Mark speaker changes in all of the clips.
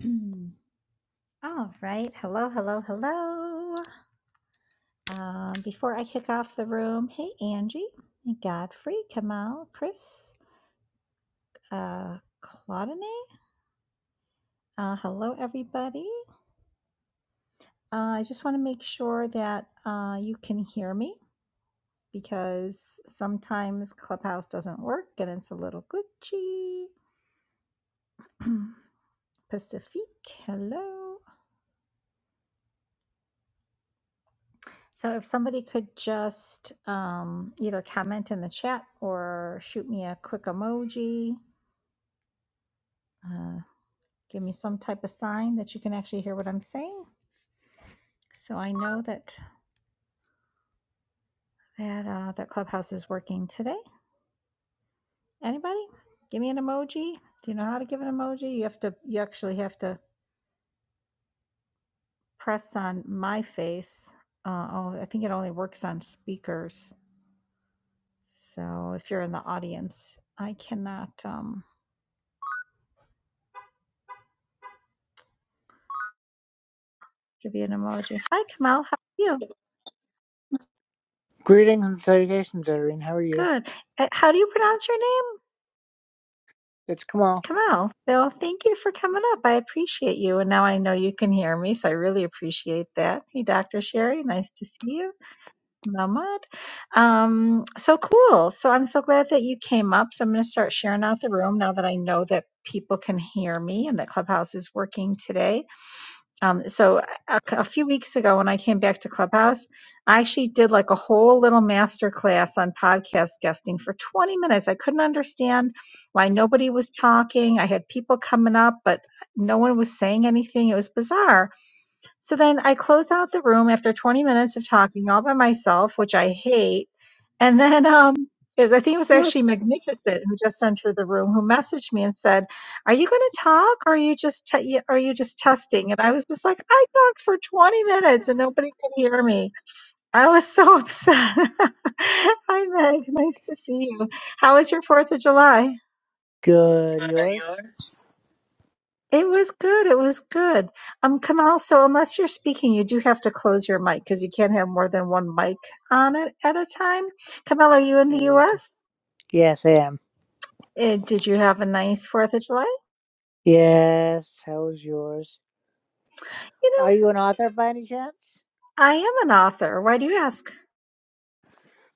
Speaker 1: Mm. All right. Hello, hello, hello. Um, before I kick off the room, hey, Angie, Godfrey, Kamal, Chris, uh, Claudine. Uh, hello, everybody. Uh, I just want to make sure that uh, you can hear me because sometimes Clubhouse doesn't work and it's a little glitchy. Pacifique, hello. So if somebody could just um, either comment in the chat or shoot me a quick emoji, uh, give me some type of sign that you can actually hear what I'm saying, so I know that that uh, that Clubhouse is working today. Anybody? Give me an emoji. Do you know how to give an emoji? You have to. You actually have to press on my face. Uh, oh, I think it only works on speakers. So if you're in the audience, I cannot um, give you an emoji. Hi, Kamal. How are you?
Speaker 2: Greetings and salutations, Irene. How are you?
Speaker 1: Good. Uh, How do you pronounce your name?
Speaker 2: It's Kamal.
Speaker 1: Kamal. Well, thank you for coming up. I appreciate you. And now I know you can hear me, so I really appreciate that. Hey, Dr. Sherry, nice to see you. Mahmoud. Um, so cool. So I'm so glad that you came up. So I'm going to start sharing out the room now that I know that people can hear me and that Clubhouse is working today. Um, so a, a few weeks ago, when I came back to Clubhouse, I actually did like a whole little master class on podcast guesting for 20 minutes. I couldn't understand why nobody was talking. I had people coming up, but no one was saying anything. It was bizarre. So then I close out the room after 20 minutes of talking all by myself, which I hate. And then um, it, I think it was actually Magnificent who just entered the room who messaged me and said, "Are you going to talk, or are you just te- you- are you just testing?" And I was just like, "I talked for 20 minutes and nobody could hear me. I was so upset." Hi Meg, nice to see you. How was your Fourth of July?
Speaker 2: Good. Yours?
Speaker 1: It was good. It was good. Um, Kamal, so unless you're speaking, you do have to close your mic because you can't have more than one mic on it at a time. Kamal, are you in the
Speaker 2: Okay.
Speaker 1: US?
Speaker 2: Yes, I am.
Speaker 1: Uh, did you have a nice 4th of July?
Speaker 2: Yes. How is yours?
Speaker 1: You know,
Speaker 2: Are you an author by any chance?
Speaker 1: I am an author. Why do you ask?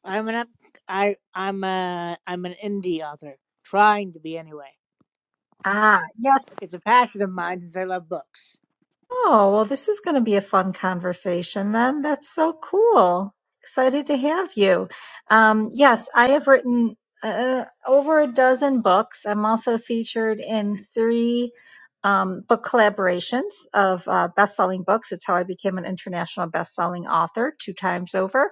Speaker 2: I'm an up. I I'm a I'm an indie author, trying to be anyway.
Speaker 1: Ah, yeah.
Speaker 2: It's a passion of mine since I love books.
Speaker 1: Oh, well, this is going to be a fun conversation then. That's so cool. Excited to have you. Um, yes, I have written uh, over a dozen books. I'm also featured in three um, book collaborations of uh, best selling books. It's how I became an international best selling author two times over.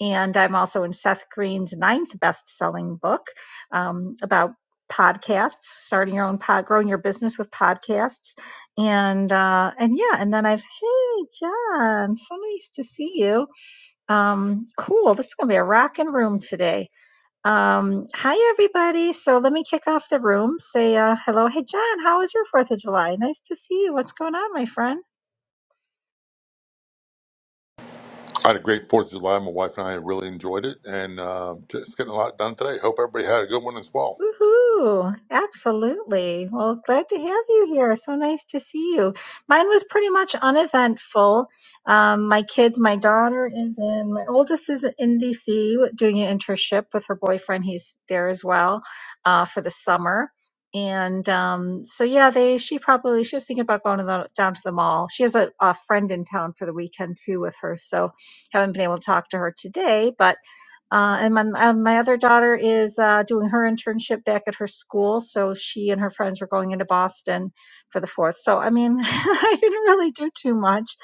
Speaker 1: And I'm also in Seth Green's ninth best selling book um, about podcasts, starting your own pod, growing your business with podcasts. And, uh, and yeah, and then I've, hey, John, so nice to see you. Um, cool. This is going to be a rocking room today. Um, hi, everybody. So let me kick off the room. Say uh, hello. Hey, John, how was your 4th of July? Nice to see you. What's going on, my friend?
Speaker 3: I had a great Fourth of July. My wife and I really enjoyed it, and uh, just getting a lot done today. Hope everybody had a good one as well.
Speaker 1: Woohoo! Absolutely. Well, glad to have you here. So nice to see you. Mine was pretty much uneventful. Um, my kids, my daughter is in, my oldest is in DC doing an internship with her boyfriend. He's there as well uh, for the summer. And um, so, yeah, they she probably she was thinking about going to the, down to the mall. She has a, a friend in town for the weekend too with her, so haven't been able to talk to her today. But uh, and my uh, my other daughter is uh, doing her internship back at her school, so she and her friends were going into Boston for the fourth. So I mean, I didn't really do too much.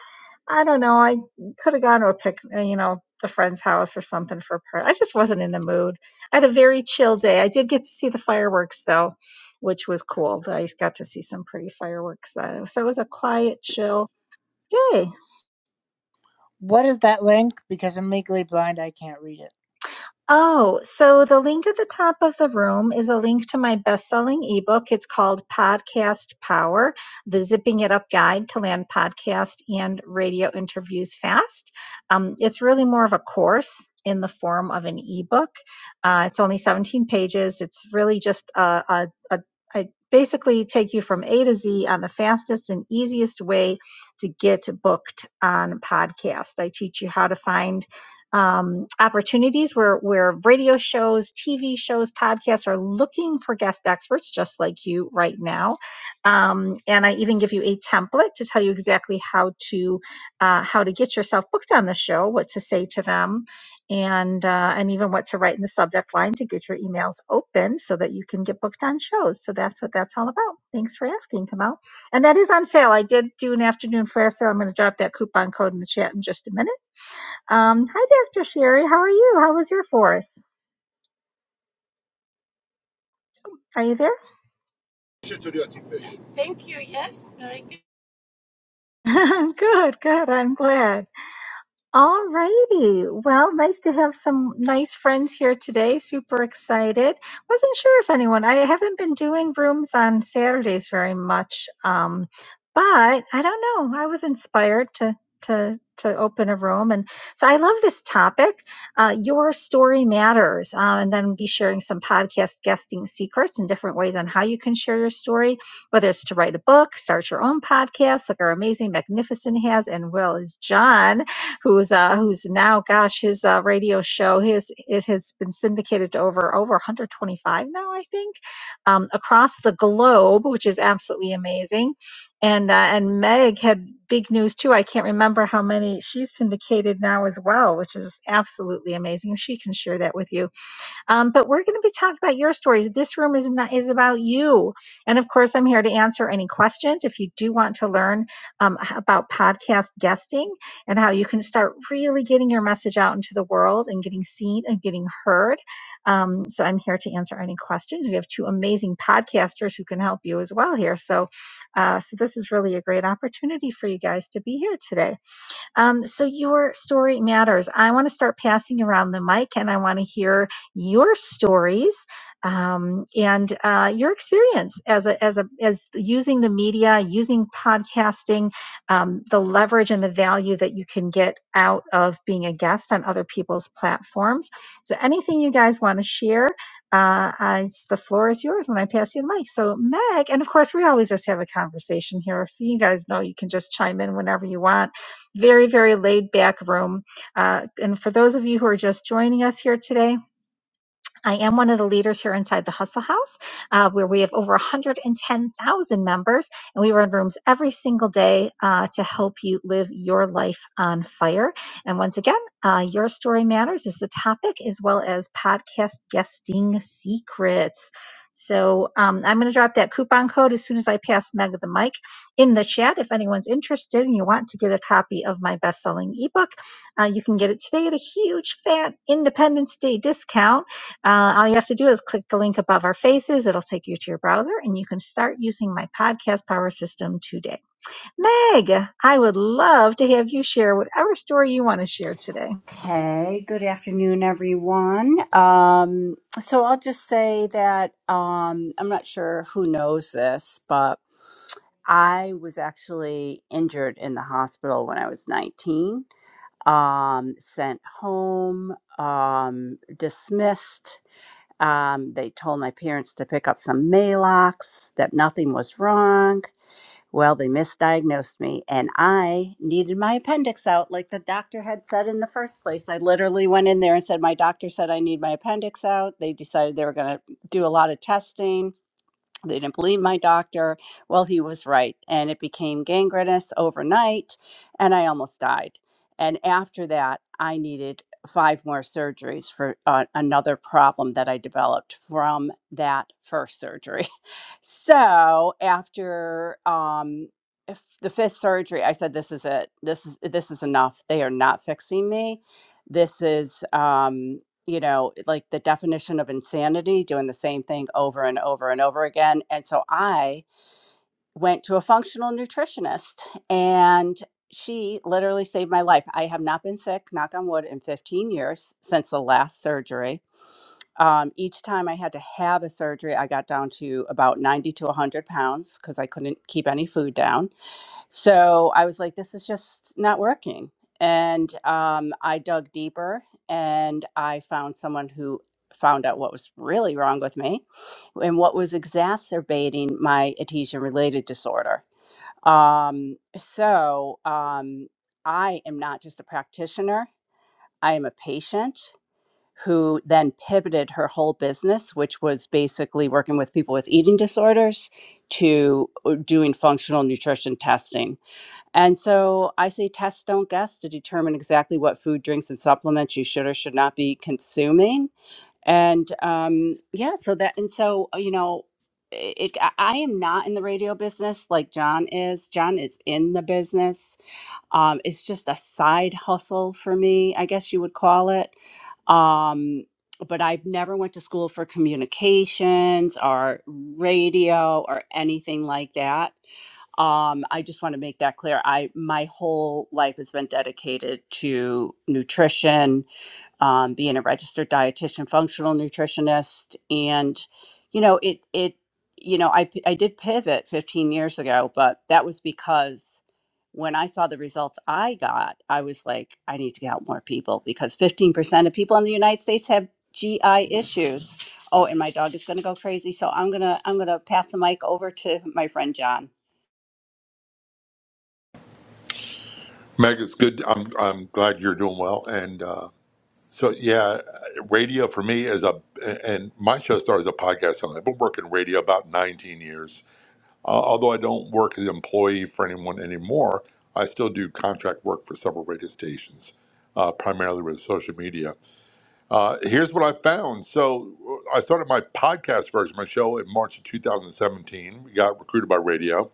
Speaker 1: I don't know. I could have gone to a pic, uh, you know, the friend's house or something for a party. I just wasn't in the mood. I had a very chill day. I did get to see the fireworks though, which was cool. I got to see some pretty fireworks. Uh, so it was a quiet, chill day.
Speaker 2: What is that link? Because I'm legally blind, I can't read it.
Speaker 1: Oh, so the link at the top of the room is a link to my best selling ebook. It's called Podcast Power The Zipping It Up Guide to Land Podcast and Radio Interviews Fast. Um, it's really more of a course in the form of an ebook. Uh, it's only 17 pages. It's really just a, a, a I basically take you from A to Z on the fastest and easiest way to get booked on podcast. I teach you how to find um, opportunities where where radio shows, TV shows, podcasts are looking for guest experts, just like you right now. Um, and I even give you a template to tell you exactly how to uh, how to get yourself booked on the show, what to say to them, and uh, and even what to write in the subject line to get your emails open so that you can get booked on shows. So that's what that's all about. Thanks for asking, Kamal. And that is on sale. I did do an afternoon flare sale. I'm going to drop that coupon code in the chat in just a minute um, hi, Dr. Sherry. How are you? How was your fourth? Are you there?
Speaker 4: Thank you. Yes, very good.
Speaker 1: good, good. I'm glad. All righty. Well, nice to have some nice friends here today. Super excited. Wasn't sure if anyone, I haven't been doing rooms on Saturdays very much. Um, but I don't know. I was inspired to, to, to open a room. And so I love this topic. Uh, your story matters. Uh, and then be sharing some podcast guesting secrets and different ways on how you can share your story, whether it's to write a book, start your own podcast, like our amazing Magnificent has and will is John who's uh who's now gosh his uh, radio show his it has been syndicated to over over 125 now i think um, across the globe which is absolutely amazing and uh, and meg had big news too i can't remember how many she's syndicated now as well which is absolutely amazing she can share that with you um, but we're going to be talking about your stories. This room is not, is about you. And of course, I'm here to answer any questions. If you do want to learn um, h- about podcast guesting and how you can start really getting your message out into the world and getting seen and getting heard, um, so I'm here to answer any questions. We have two amazing podcasters who can help you as well here. So, uh, so this is really a great opportunity for you guys to be here today. Um, so your story matters. I want to start passing around the mic, and I want to hear your stories um, and uh, your experience as a, as a as using the media, using podcasting, um, the leverage and the value that you can get out of being a guest on other people's platforms. So anything you guys want to share, uh, I, the floor is yours when I pass you the mic. So Meg, and of course we always just have a conversation here, so you guys know you can just chime in whenever you want very, very laid back room. Uh, and for those of you who are just joining us here today, I am one of the leaders here inside the Hustle House, uh, where we have over 110,000 members, and we run rooms every single day uh, to help you live your life on fire. And once again, uh, your story matters is the topic, as well as podcast guesting secrets. So um, I'm going to drop that coupon code as soon as I pass Meg the mic in the chat. If anyone's interested and you want to get a copy of my best-selling ebook, uh, you can get it today at a huge fat Independence Day discount uh, all you have to do is click the link above our faces. It'll take you to your browser and you can start using my podcast power system today. Meg, I would love to have you share whatever story you want to share today.
Speaker 5: Okay, good afternoon, everyone. Um, so I'll just say that um, I'm not sure who knows this, but I was actually injured in the hospital when I was 19, um, sent home, um, dismissed. Um, they told my parents to pick up some Malox, that nothing was wrong. Well, they misdiagnosed me and I needed my appendix out like the doctor had said in the first place. I literally went in there and said, My doctor said I need my appendix out. They decided they were going to do a lot of testing they didn't believe my doctor. Well, he was right. And it became gangrenous overnight, and I almost died. And after that, I needed five more surgeries for uh, another problem that I developed from that first surgery. So after um, if the fifth surgery, I said, "This is it. This is this is enough. They are not fixing me. This is." Um, you know, like the definition of insanity, doing the same thing over and over and over again. And so I went to a functional nutritionist and she literally saved my life. I have not been sick, knock on wood, in 15 years since the last surgery. Um, each time I had to have a surgery, I got down to about 90 to 100 pounds because I couldn't keep any food down so I was like, this is just not working. And um, I dug deeper and I found someone who found out what was really wrong with me and what was exacerbating my adhesion related disorder. Um, so um, I am not just a practitioner, I am a patient who then pivoted her whole business, which was basically working with people with eating disorders, to uh, doing functional nutrition testing and so I say test, don't guess to determine exactly what food, drinks, and supplements you should or should not be consuming. And um, yeah, so that, and so, uh, you know, i- it, I I am not in the radio business like John is. John is in the business. Um, it's just a side hustle for me, I guess you would call it. Um, but I've never went to school for communications or radio or anything like that um i just want to make that clear i my whole life has been dedicated to nutrition um, being a registered dietitian functional nutritionist and you know it it you know i p- i did pivot 15 years ago but that was because when i saw the results i got i was like i need to help more people because 15% of people in the united states have gi issues oh and my dog is going to go crazy so i'm going to i'm going to pass the mic over to my friend john
Speaker 3: Meg, it's good. I'm I'm glad you're doing well. And uh, so yeah, radio for me is a and my show started as a podcast. channel. I've been working radio about 19 years. Uh, although I don't work as an employee for anyone anymore, I still do contract work for several radio stations, uh, primarily with social media. Uh, here's what I found. So uh, I started my podcast version of my show in March of 2017. We got recruited by radio.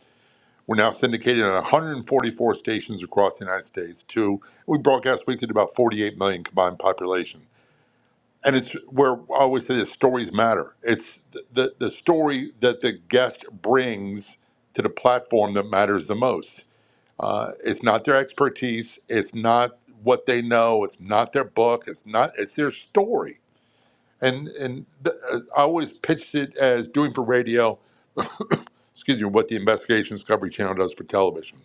Speaker 3: We're now syndicated on 144 stations across the United States. To we broadcast weekly to about 48 million combined population. And it's where I always say this: stories matter. It's the, the the story that the guest brings to the platform that matters the most. Uh, it's not their expertise. It's not what they know. It's not their book. It's not. It's their story and and th- uh, I always pitched it as doing for radio. Excuse me, what the Investigation Discovery Channel does for television.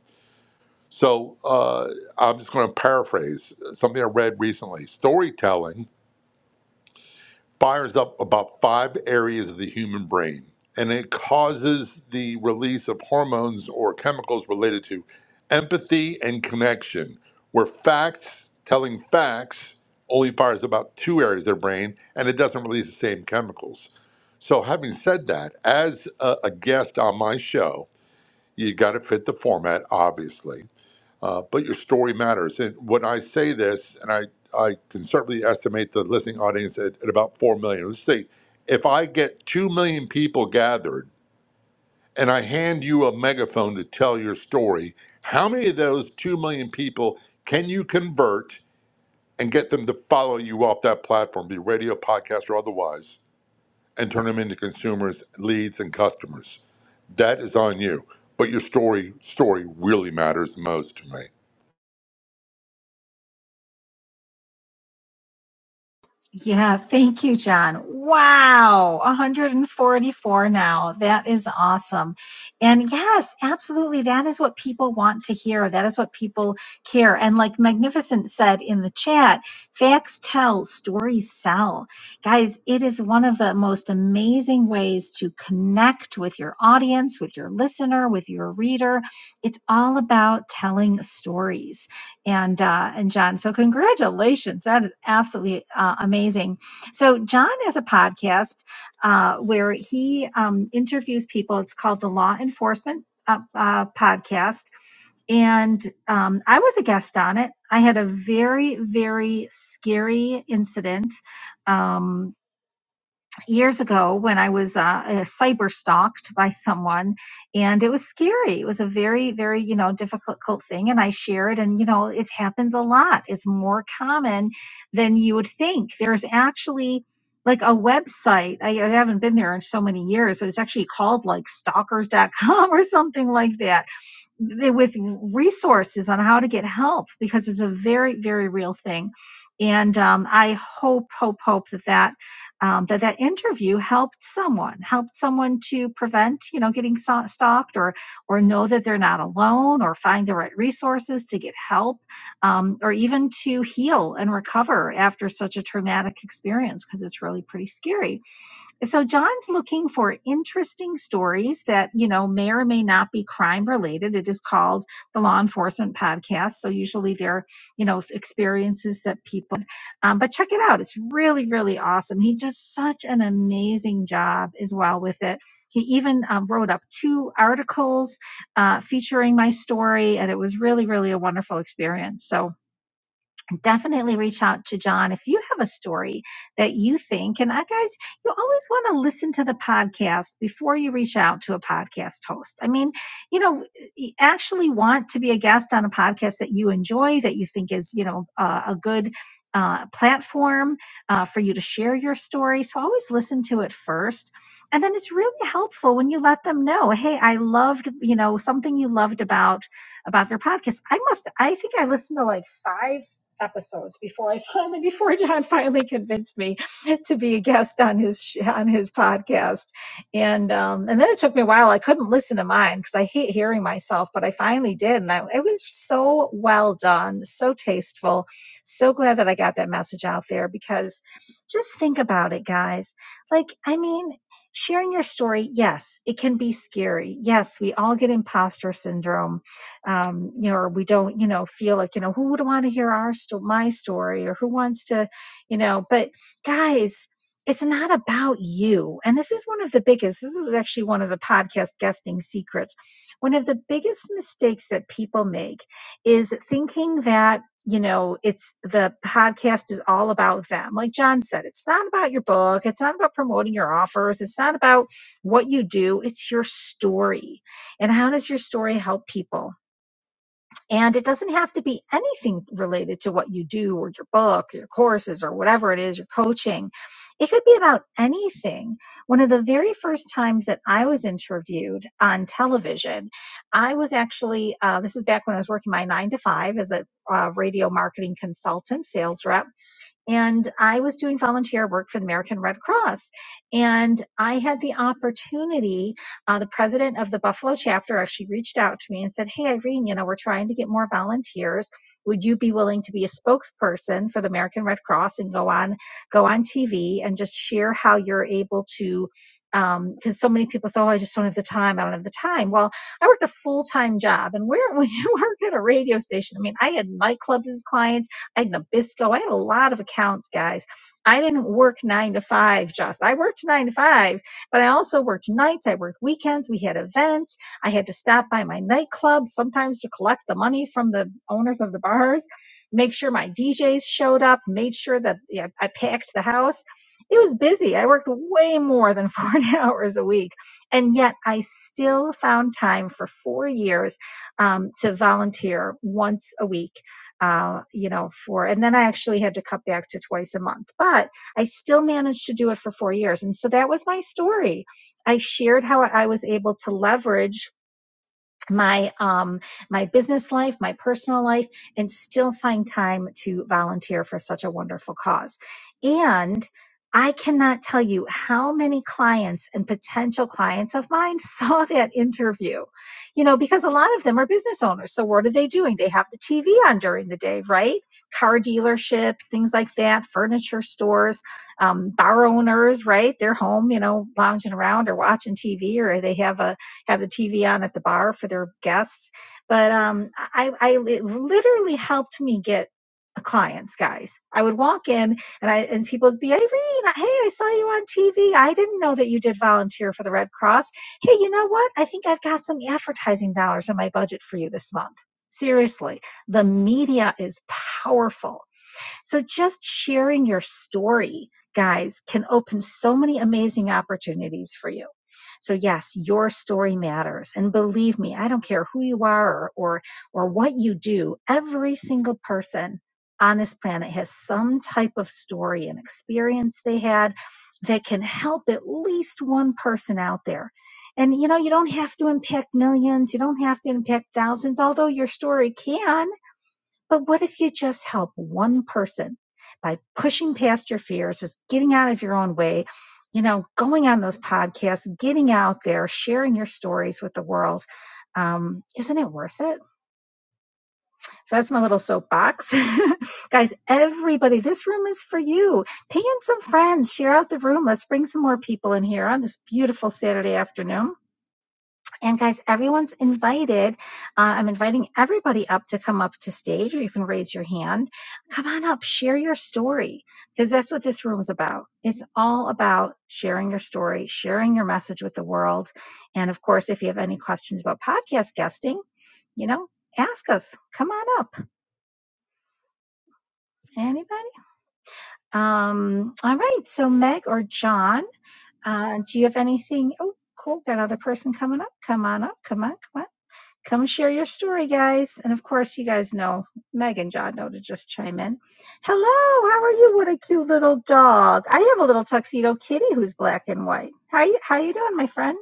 Speaker 3: So uh, I'm just going to paraphrase something I read recently. Storytelling fires up about five areas of the human brain and it causes the release of hormones or chemicals related to empathy and connection, where facts, telling facts, only fires about two areas of their brain and it doesn't release the same chemicals. So, having said that, as a, a guest on my show, you got to fit the format, obviously. Uh, but your story matters. And when I say this, and I, I conservatively estimate the listening audience at, at about 4 million, let's say if I get 2 million people gathered and I hand you a megaphone to tell your story, how many of those 2 million people can you convert and get them to follow you off that platform, be radio, podcast, or otherwise, and turn them into consumers, leads, and customers? That is on you. But your story story really matters the most to me.
Speaker 1: Yeah, thank you, John. Wow, 144 now. That is awesome. And yes, absolutely. That is what people want to hear. That is what people care. And like Magnificent said in the chat, facts tell, stories sell. Guys, it is one of the most amazing ways to connect with your audience, with your listener, with your reader. It's all about telling stories and uh, and John. So congratulations, that is absolutely uh, amazing. So John has a podcast uh, where he um, interviews people. It's called the Law Enforcement uh, uh, Podcast, and um, I was a guest on it. I had a very very scary incident. Um, years ago when I was uh, uh, cyber stalked by someone, and it was scary. It was a very, very you know difficult thing, and I share it, and you know it happens a lot. It's more common than you would think. There's actually like a website. I, I haven't been there in so many years, but it's actually called like stalkers. dot com or something like that with resources on how to get help because it's a very very real thing and um, i hope hope hope that that um, that that interview helped someone helped someone to prevent you know getting so- stalked or or know that they're not alone or find the right resources to get help um, or even to heal and recover after such a traumatic experience because it's really pretty scary so John's looking for interesting stories that, you know, may or may not be crime related. It is called the Law Enforcement Podcast. So usually they're, you know, experiences that people, um, but check it out. It's really, really awesome. He does such an amazing job as well with it. He even um, wrote up two articles uh, featuring my story, and it was really, really a wonderful experience. So, definitely reach out to John if you have a story that you think. And I guys, you always want to listen to the podcast before you reach out to a podcast host. I mean, you know, you actually want to be a guest on a podcast that you enjoy, that you think is, you know, uh, a good. Uh, platform uh, for you to share your story. So always listen to it first. And then it's really helpful when you let them know, hey, I loved, you know, something you loved about about their podcast. I must, I think I listened to like five episodes before I finally before John finally convinced me to be a guest on his sh- on his podcast. And um and then it took me a while. I couldn't listen to mine cuz I hate hearing myself, but I finally did and I, it was so well done, so tasteful. So glad that I got that message out there because just think about it guys. Like I mean Sharing your story, yes, it can be scary. Yes, we all get imposter syndrome um, you know, or we don't, you know, feel like, you know, who would want to hear our sto- my story or who wants to, you know, but guys, it's not about you. And this is one of the biggest, this is actually one of the podcast guesting secrets. One of the biggest mistakes that people make is thinking that, you know, it's the podcast is all about them. Like John said, it's not about your book. It's not about promoting your offers. It's not about what you do. It's your story. And how does your story help people? And it doesn't have to be anything related to what you do or your book, your courses, or whatever it is, your coaching. It could be about anything. One of the very first times that I was interviewed on television, I was actually, uh, this is back when I was working my nine to five as a uh, radio marketing consultant, sales rep and I was doing volunteer work for the American Red Cross. And I had the opportunity, uh, the president of the Buffalo chapter actually reached out to me and said, Hey, Irene, you know, we're trying to get more volunteers. Would you be willing to be a spokesperson for the American Red Cross and go on, go on TV and just share how you're able to? Because so many people say, "Oh, I just don't have the time. I don't have the time." Well, I worked a full time job, and where when you work at a radio station, I mean, I had nightclubs as clients. I had Nabisco. I had a lot of accounts, guys. I didn't work nine to five, just. I worked nine to five, but I also worked nights. I worked weekends. We had events. I had to stop by my nightclubs sometimes to collect the money from the owners of the bars, make sure my DJs showed up, made sure that yeah, I packed the house. It was busy. I worked way more than 40 hours a week. And yet I still found time for four years um, to volunteer once a week uh, you know, for, and then I actually had to cut back to twice a month, but I still managed to do it for four years. And so that was my story. I shared how I was able to leverage my um my business life my personal life and still find time to volunteer for such a wonderful cause and i cannot tell you how many clients and potential clients of mine saw that interview you know because a lot of them are business owners so what are they doing they have the tv on during the day right car dealerships things like that furniture stores um, bar owners right they're home you know lounging around or watching tv or they have a have the TV on at the bar for their guests. But um, I, I it literally helped me get clients, guys. I would walk in and I and people would be, Irene. hey, I saw you on TV. I didn't know that you did volunteer for the Red Cross. Hey, you know what? I think I've got some advertising dollars in my budget for you this month. Seriously, the media is powerful so just sharing your story, guys, can open so many amazing opportunities for you. So yes, your story matters. And believe me, I don't care who you are or, or, or what you do, every single person on this planet has some type of story and experience they had that can help at least one person out there. And you know, you don't have to impact millions, you don't have to impact thousands, although your story can. But what if you just help one person by pushing past your fears, just getting out of your own way, you know, going on those podcasts, getting out there, sharing your stories with the world? Um, isn't it worth it? So that's my little soapbox. Guys, everybody, this room is for you. Ping in some friends, share out the room. Let's bring some more people in here on this beautiful Saturday afternoon. And guys, everyone's invited. Uh, I'm inviting everybody up to come up to stage, or you can raise your hand. Come on up, share your story, because that's what this room is about. It's all about sharing your story, sharing your message with the world. And of course, if you have any questions about podcast guesting, you know, ask us. Come on up. Anybody? Um, all right. So, Meg or John, uh, do you have anything? Oh, cool. Got another person coming up. Come on up. Come on. Come on. Come share your story, guys. And of course, you guys know Meg and John know to just chime in. Hello, how are you? What a cute little dog. I have a little tuxedo kitty who's black and white. How you how you doing, my friend?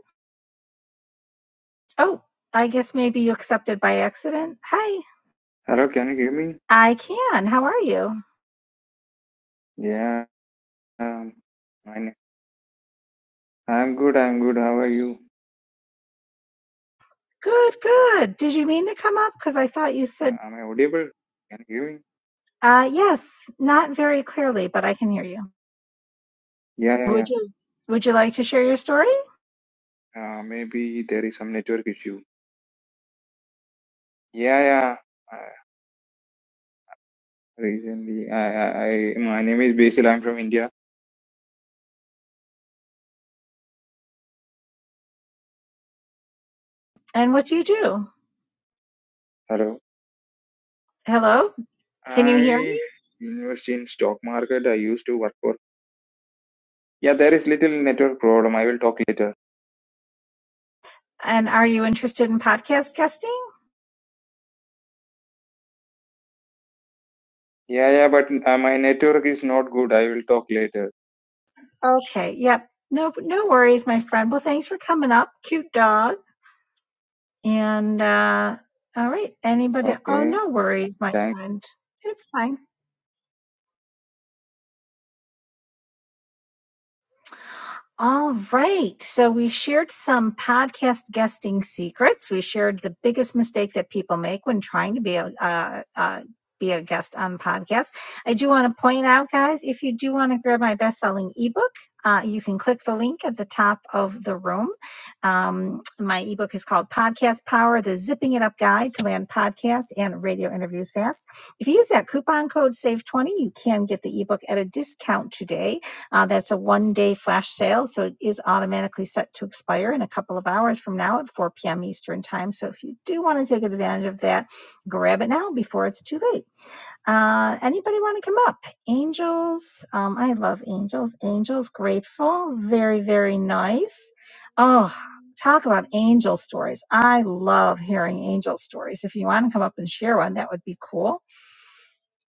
Speaker 1: Oh, I guess maybe you accepted by accident. Hi.
Speaker 6: Hello, can you hear me?
Speaker 1: I can. How are you?
Speaker 6: Yeah, um, I, I'm good, I'm good. How are you?
Speaker 1: Good, good. Did you mean to come up? Because I thought you
Speaker 6: Uh,
Speaker 1: said
Speaker 6: am I audible? Can you hear me?
Speaker 1: uh yes, not very clearly, but I can hear you.
Speaker 6: Yeah, yeah, yeah.
Speaker 1: Would you would you like to share your story?
Speaker 6: Uh, maybe there is some network issue. Yeah, yeah. Uh, recently, I, I, I, my name is Basil. I'm from India.
Speaker 1: And what do you do?
Speaker 6: Hello.
Speaker 1: Hello? Can you hear me?
Speaker 6: I invest in stock market. I used to work for. Yeah, there is little network problem. I will talk later.
Speaker 1: And are you interested in podcast guesting?
Speaker 6: Yeah, yeah, but uh, my network is not good. I will talk later.
Speaker 1: Okay. Yep. No, no worries, my friend. Well, thanks for coming up. Cute dog. And, uh, all right. Anybody? Oh,
Speaker 6: Okay.
Speaker 1: no worries, my
Speaker 6: Thanks.
Speaker 1: friend. It's fine. All right. So we shared some podcast guesting secrets. We shared the biggest mistake that people make when trying to be a uh, uh, be a guest on podcasts. I do want to point out, guys, if you do want to grab my best selling ebook, uh, you can click the link at the top of the room. Um, my ebook is called Podcast Power: The Zipping It Up Guide to Land Podcast and Radio Interviews Fast. If you use that coupon code SAVE20, you can get the ebook at a discount today uh, that's a one day flash sale, so it is automatically set to expire in a couple of hours from now at 4 p.m. Eastern Time. So if you do want to take advantage of that, grab it now before it's too late. Uh, anybody want to come up? Angels, um, I love angels. Angels, grateful, very, very nice. Oh, talk about angel stories. I love hearing angel stories. If you want to come up and share one, that would be cool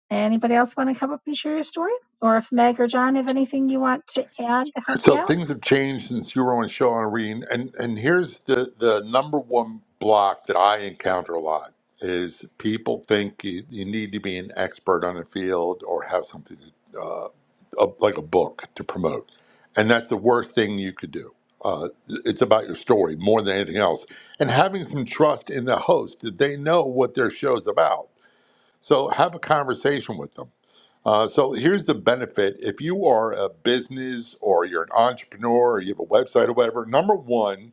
Speaker 1: Anybody else want to come up and share your story? Or if Meg or John have anything you want to add to help me
Speaker 3: So
Speaker 1: out?
Speaker 3: things have changed since you were on Show on Reen, and and here's the the number one block that I encounter a lot is people think you, you need to be an expert on a field or have something to, uh, a, like a book to promote, and that's the worst thing you could do. Uh, it's about your story more than anything else, and having some trust in the host that they know what their show's about. So have a conversation with them uh, so here's the benefit. If you are a business or you're an entrepreneur or you have a website or whatever, number one,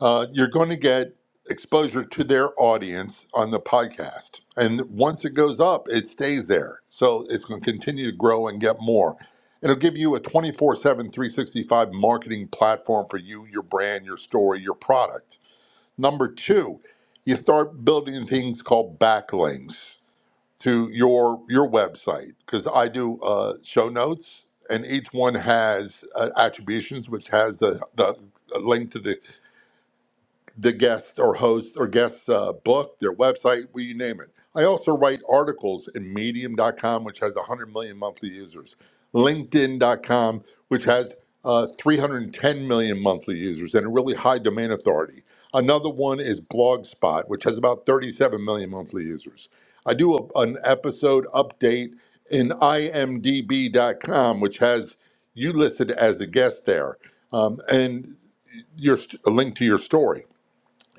Speaker 3: uh, you're going to get exposure to their audience on the podcast. And once it goes up, it stays there. So it's going to continue to grow and get more. It'll give you a twenty-four-seven, three-sixty-five marketing platform for you, your brand, your story, your product. Number two, you start building things called backlinks to your your website because I do uh, show notes, and each one has uh, attributions, which has the the link to the the guest or host or guest's uh, book, their website, we you name it. I also write articles in Medium.com, which has 100 million monthly users, LinkedIn.com, which has uh, 310 million monthly users and a really high domain authority. Another one is Blogspot, which has about 37 million monthly users. I do a, an episode update in IMDb.com, which has you listed as a guest there, um, and your st- a link to your story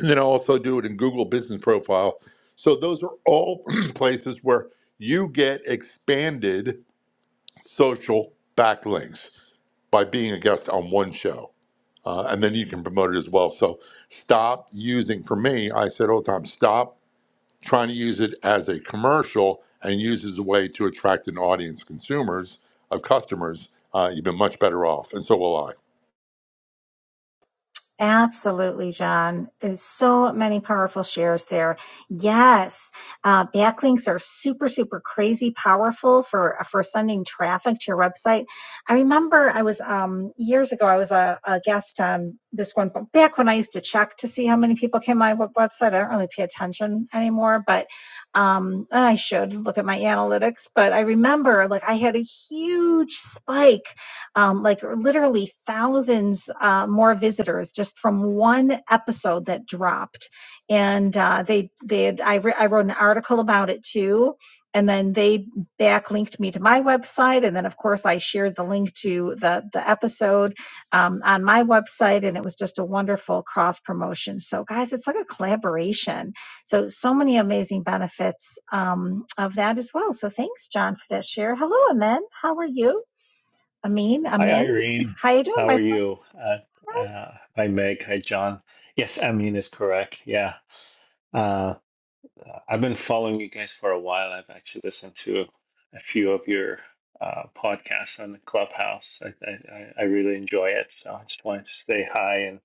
Speaker 3: and then I also do it in Google Business Profile. So those are all places where you get expanded social backlinks by being a guest on one show, uh, and then you can promote it as well. So stop using. For me, I said all the time, stop trying to use it as a commercial and use it as a way to attract an audience, consumers of customers. Uh, you've been much better off, and so will I.
Speaker 1: Absolutely, John. There's so many powerful shares there. Yes, uh, backlinks are super, super crazy powerful for for sending traffic to your website. I remember I was um, years ago. I was a, a guest on this one, but back when I used to check to see how many people came to my web- website. I don't really pay attention anymore, but um, and I should look at my analytics. But I remember, like, I had a huge spike um, like literally thousands uh, more visitors just from one episode that dropped. And uh, they they had, I, re- I wrote an article about it too. And then they backlinked me to my website, and then of course I shared the link to the the episode um, on my website, and it was just a wonderful cross promotion. So guys, it's like a collaboration. So, so many amazing benefits um, of that as well. So, thanks, John, for that share. Hello, Amen. How are you? Amin,
Speaker 7: Hi,
Speaker 1: Amin.
Speaker 7: Irene.
Speaker 1: How you doing,
Speaker 7: How are
Speaker 1: my
Speaker 7: you? Uh,
Speaker 1: friend?
Speaker 7: uh, hi, Meg. Hi, John. Yes, Amin is correct. Yeah. Uh, I've been following you guys for a while. I've actually listened to a few of your uh, podcasts on Clubhouse. I, I, I I really enjoy it. So I just wanted to say hi and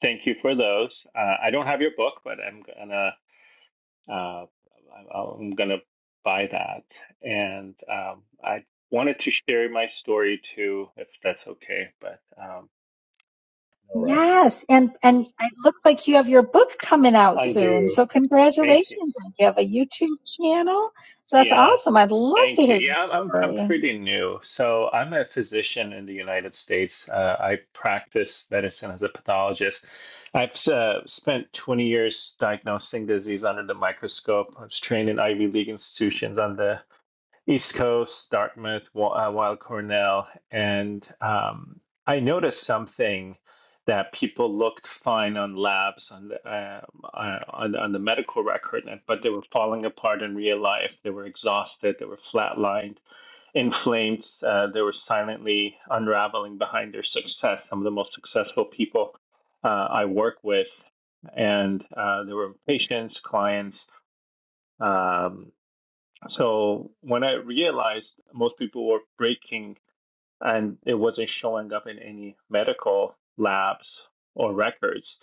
Speaker 7: thank you for those. Uh, I don't have your book, but I'm gonna uh, I'm I'm gonna buy that. And um, I wanted to share my story too, if that's okay. But um, All right.
Speaker 1: Yes, and and I look like you have your book coming out soon.
Speaker 7: Undo.
Speaker 1: So
Speaker 7: Thank you.
Speaker 1: congratulations. You have a YouTube channel. So that's
Speaker 7: Yeah.
Speaker 1: awesome. I'd love to
Speaker 7: Thank
Speaker 1: hear
Speaker 7: you. Yeah,
Speaker 1: your
Speaker 7: I'm I'm
Speaker 1: story.
Speaker 7: pretty new. So I'm a physician in the United States. Uh, I practice medicine as a pathologist. I've uh, spent 20 years diagnosing disease under the microscope. I was trained in Ivy League institutions on the East Coast, Dartmouth, while Cornell, and um, I noticed something that people looked fine on labs on the uh, uh, on, on the medical record, but they were falling apart in real life. They were exhausted. They were flatlined, inflamed. Uh, they were silently unraveling behind their success. Some of the most successful people uh, I work with, and uh, they were patients, clients. Um, so when I realized most people were breaking and it wasn't showing up in any medical labs or records,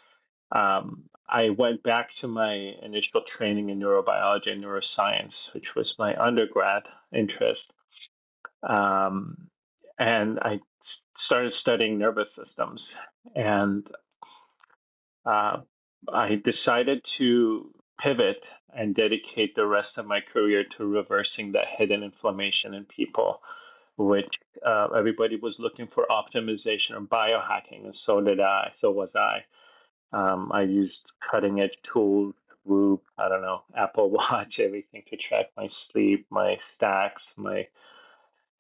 Speaker 7: um, I went back to my initial training in neurobiology and neuroscience, which was my undergrad interest. Um, and I s- started studying nervous systems. and. Uh, I decided to pivot and dedicate the rest of my career to reversing that hidden inflammation in people, which uh, everybody was looking for optimization or biohacking, and so did I. So was I. Um, I used cutting edge tools. Whoop, I don't know, Apple Watch, everything to track my sleep, my stacks, my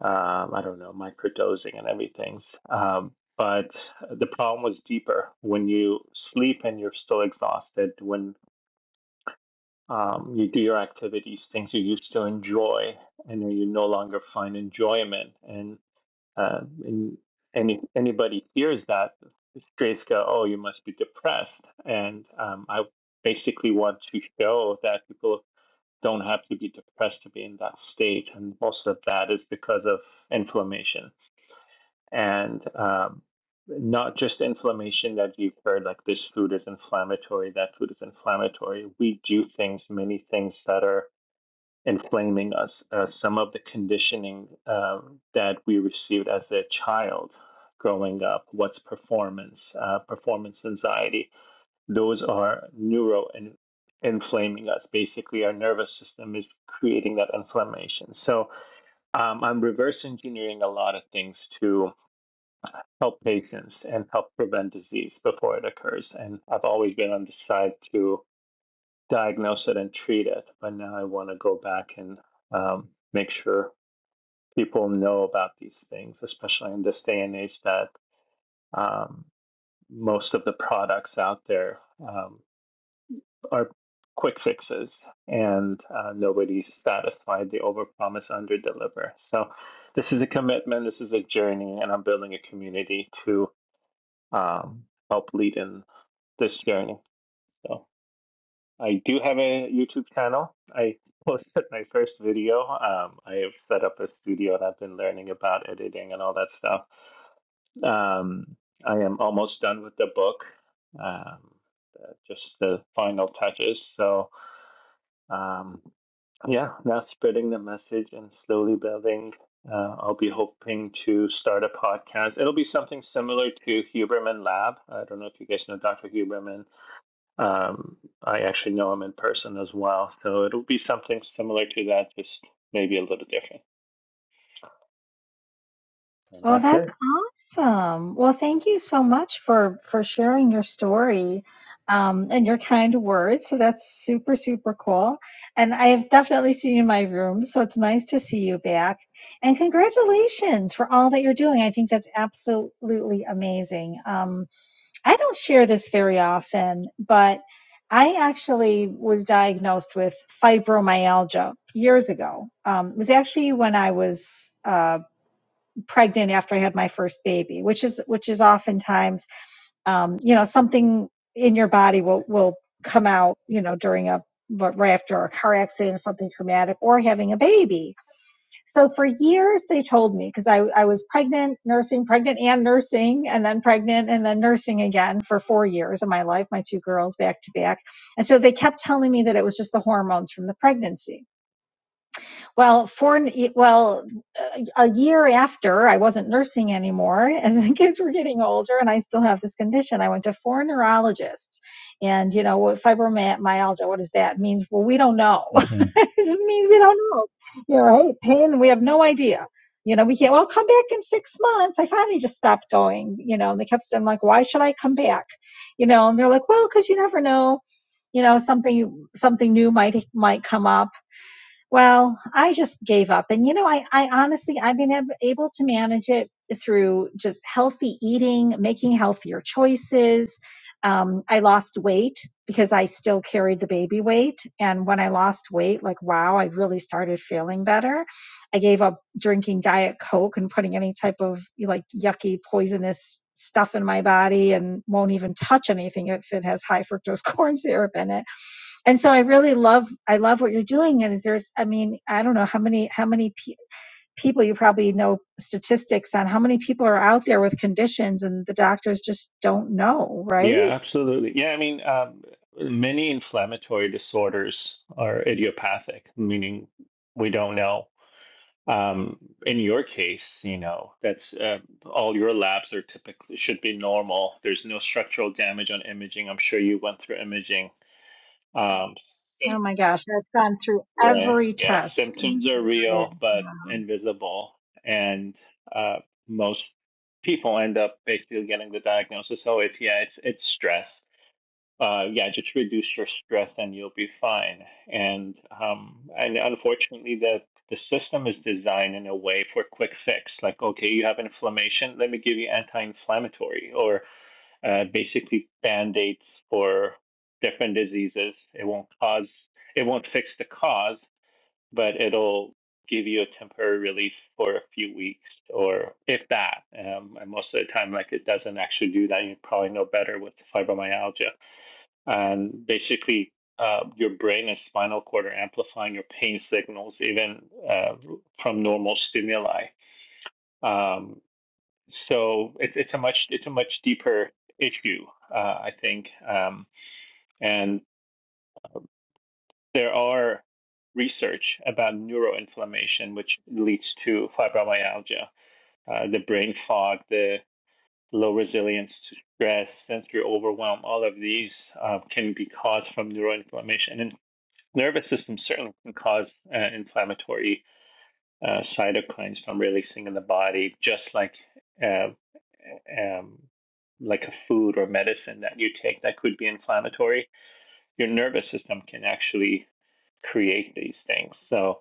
Speaker 7: um, I don't know, microdosing and everything, Um, but the problem was deeper. When you sleep and you're still exhausted, when um, you do your activities, things you used to enjoy, and you no longer find enjoyment, and, uh, and any anybody hears that, strays go, "Oh, you must be depressed." And um, I basically want to show that people don't have to be depressed to be in that state, and most of that is because of inflammation and um, not just inflammation that you've heard like this food is inflammatory, that food is inflammatory. We do things, many things that are inflaming us. Uh, some of the conditioning um, that we received as a child growing up, what's performance, uh, performance anxiety, those are neuro and inflaming us. Basically, our nervous system is creating that inflammation. So um, I'm reverse engineering a lot of things to help patients and help prevent disease before it occurs. And I've always been on the side to diagnose it and treat it, but now I want to go back and um, make sure people know about these things, especially in this day and age that um, most of the products out there um, are quick fixes and uh, nobody's satisfied. They overpromise, underdeliver. So this is a commitment. This is a journey, and I'm building a community to um, help lead in this journey. So I do have a YouTube channel. I posted my first video. Um, I have set up a studio and I've been learning about editing and all that stuff. Um, I am almost done with the book. Um, uh, just the final touches. So um, yeah, now spreading the message and slowly building. Uh, I'll be hoping to start a podcast. It'll be something similar to Huberman Lab. I don't know if you guys know Dr. Huberman um, I actually know him in person as well, so it'll be something similar to that, just maybe a little different. And
Speaker 1: Well,
Speaker 7: that's
Speaker 1: that's
Speaker 7: it.
Speaker 1: awesome. Well, thank you so much for for sharing your story um, and your kind words. So that's super super cool. And I've definitely seen you in my room, so it's nice to see you back. And congratulations for all that you're doing. I think that's absolutely amazing. Um, I don't share this very often, but I actually was diagnosed with fibromyalgia years ago. Um, it was actually when I was. Uh, pregnant after I had my first baby, which is which is oftentimes um, you know something in your body will will come out you know during a but right after a car accident or something traumatic or having a baby. So for years they told me because I, I was pregnant, nursing, pregnant and nursing, and then pregnant and then nursing again for four years of my life, my two girls back to back. And so they kept telling me that it was just the hormones from the pregnancy. Well, four, well, uh, a year after I wasn't nursing anymore, and the kids were getting older, and I still have this condition. I went to four neurologists, and you know what fibromyalgia? What does that mean? Well, we don't know.
Speaker 7: hmm
Speaker 1: it just means we don't know. you know, right. Pain. We have no idea. You know, we can't. Well, come back in six months. I finally just stopped going. You know, and they kept saying like, "Why should I come back?" You know, and they're like, "Well, because you never know." You know, something something new might might come up well, I just gave up. And you know, I, I honestly, I've been ab- able to manage it through just healthy eating, making healthier choices. Um, I lost weight because I still carried the baby weight. And when I lost weight, like, wow, I really started feeling better. I gave up drinking Diet Coke and putting any type of like yucky, poisonous stuff in my body and won't even touch anything if it has high fructose corn syrup in it and so i really love i love what you're doing and is there's i mean i don't know how many how many pe- people you probably know statistics on how many people are out there with conditions and the doctors just don't know
Speaker 7: Yeah,
Speaker 1: right
Speaker 7: absolutely. Yeah, I mean, um, many inflammatory disorders are idiopathic, meaning we don't know. Um, in your case, you know, that's uh, all your labs are typically should be normal. There's no structural damage on imaging. I'm sure you went through imaging. Um, so
Speaker 1: oh my gosh i've gone through
Speaker 7: Right.
Speaker 1: every
Speaker 7: Yeah.
Speaker 1: test
Speaker 7: Symptoms are real, but invisible. And uh, most people end up basically getting the diagnosis. Oh, it's, yeah, it's, it's stress. Uh, yeah, just reduce your stress and you'll be fine. And, um, and unfortunately, the, the system is designed in a way for quick fix. Like, okay, you have inflammation. Let me give you anti-inflammatory or uh, basically band-aids for different diseases. It won't cause, it won't fix the cause but it'll give you a temporary relief for a few weeks or if that. Um, and most of the time, like it doesn't actually do that. You probably know better with fibromyalgia. And basically, uh, your brain and spinal cord are amplifying your pain signals even uh, from normal stimuli. Um, so it's it's a much it's a much deeper issue, uh, I think. Um, and there are research about neuroinflammation, which leads to fibromyalgia, uh, the brain fog, the low resilience to stress, sensory overwhelm. All of these uh, can be caused from neuroinflammation, and nervous system certainly can cause uh, inflammatory uh, cytokines from releasing in the body, just like. Uh, um, like a food or medicine that you take that could be inflammatory, your nervous system can actually create these things. So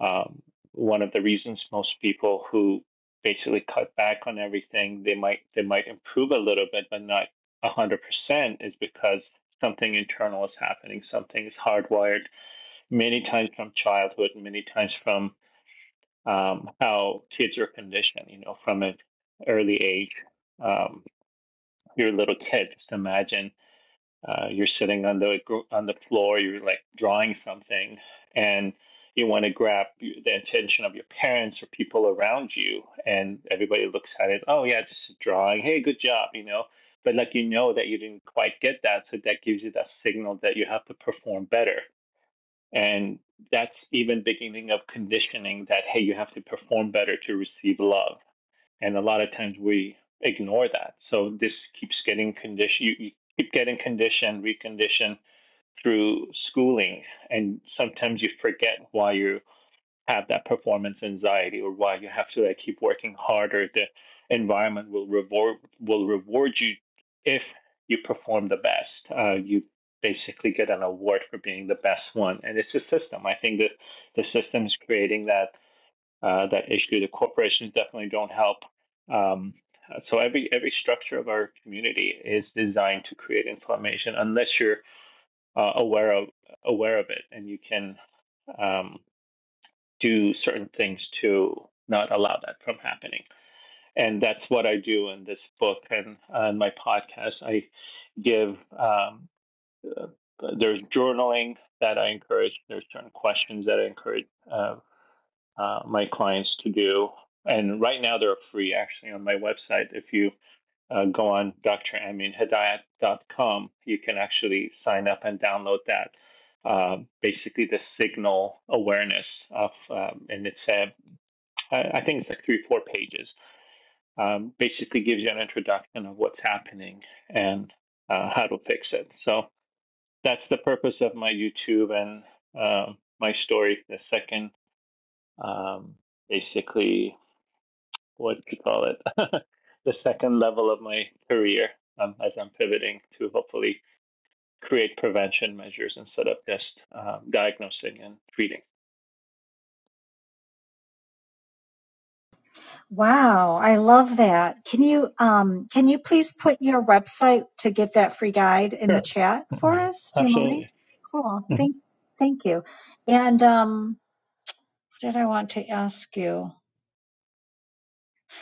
Speaker 7: um, one of the reasons most people who basically cut back on everything, they might they might improve a little bit, but not one hundred percent, is because something internal is happening. Something is hardwired many times from childhood, many times from um, how kids are conditioned. You know, from an early age, um, you're a little kid. Just imagine. Uh, you're sitting on the on the floor. You're like drawing something, and you want to grab the attention of your parents or people around you. And everybody looks at it. Oh yeah, just a drawing. Hey, good job. You know. But like you know that you didn't quite get that, so that gives you that signal that you have to perform better. And that's even beginning of conditioning that hey, you have to perform better to receive love and a lot of times we ignore that so this keeps getting condition you, you keep getting conditioned reconditioned through schooling and sometimes you forget why you have that performance anxiety or why you have to like keep working harder the environment will reward will reward you if you perform the best uh, you basically get an award for being the best one and it's a system i think that the system is creating that uh, that issue. The corporations definitely don't help. Um, so every every structure of our community is designed to create inflammation unless you're uh, aware of aware of it and you can um, do certain things to not allow that from happening. And that's what I do in this book and uh, in my podcast. I give um, uh, there's journaling that I encourage. There's certain questions that I encourage uh, uh, my clients to do. And right now they're free actually on my website. If you uh, go on dr. dot com, you can actually sign up and download that. Uh, basically, the signal awareness of, um, and it's a, I think it's like three, four pages. Um, basically, gives you an introduction of what's happening and uh, how to fix it. So that's the purpose of my YouTube and um my story. The second um, basically what do you call it, the second level of my career um, as I'm pivoting to hopefully create prevention measures instead of just um, diagnosing and treating.
Speaker 1: wow i love that can you um can you please put your website to get that free guide in the
Speaker 7: Sure.
Speaker 1: chat
Speaker 7: Mm-hmm.
Speaker 1: for
Speaker 7: Yeah,
Speaker 1: us do you mind
Speaker 7: absolutely.
Speaker 1: cool
Speaker 7: Mhm.
Speaker 1: thank thank you and um what did i want to ask you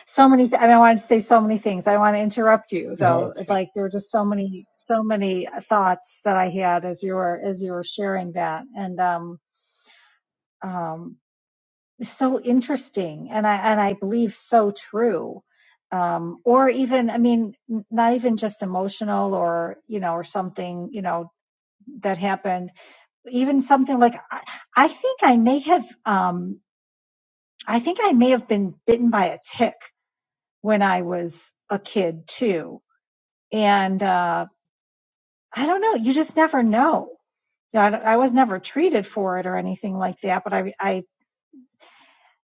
Speaker 1: so many th- I, mean, I wanted to say so many things i don't want to interrupt you
Speaker 7: No,
Speaker 1: though
Speaker 7: that's fair.
Speaker 1: like there were just so many so many thoughts that i had as you were as you were sharing that and um um so interesting and i and i believe so true um or even i mean n- not even just emotional or you know or something you know that happened even something like i, I think i may have um i think i may have been bitten by a tick when i was a kid too And uh, I don't know. You just never know. You know, I, I was never treated for it or anything like that. But I, I,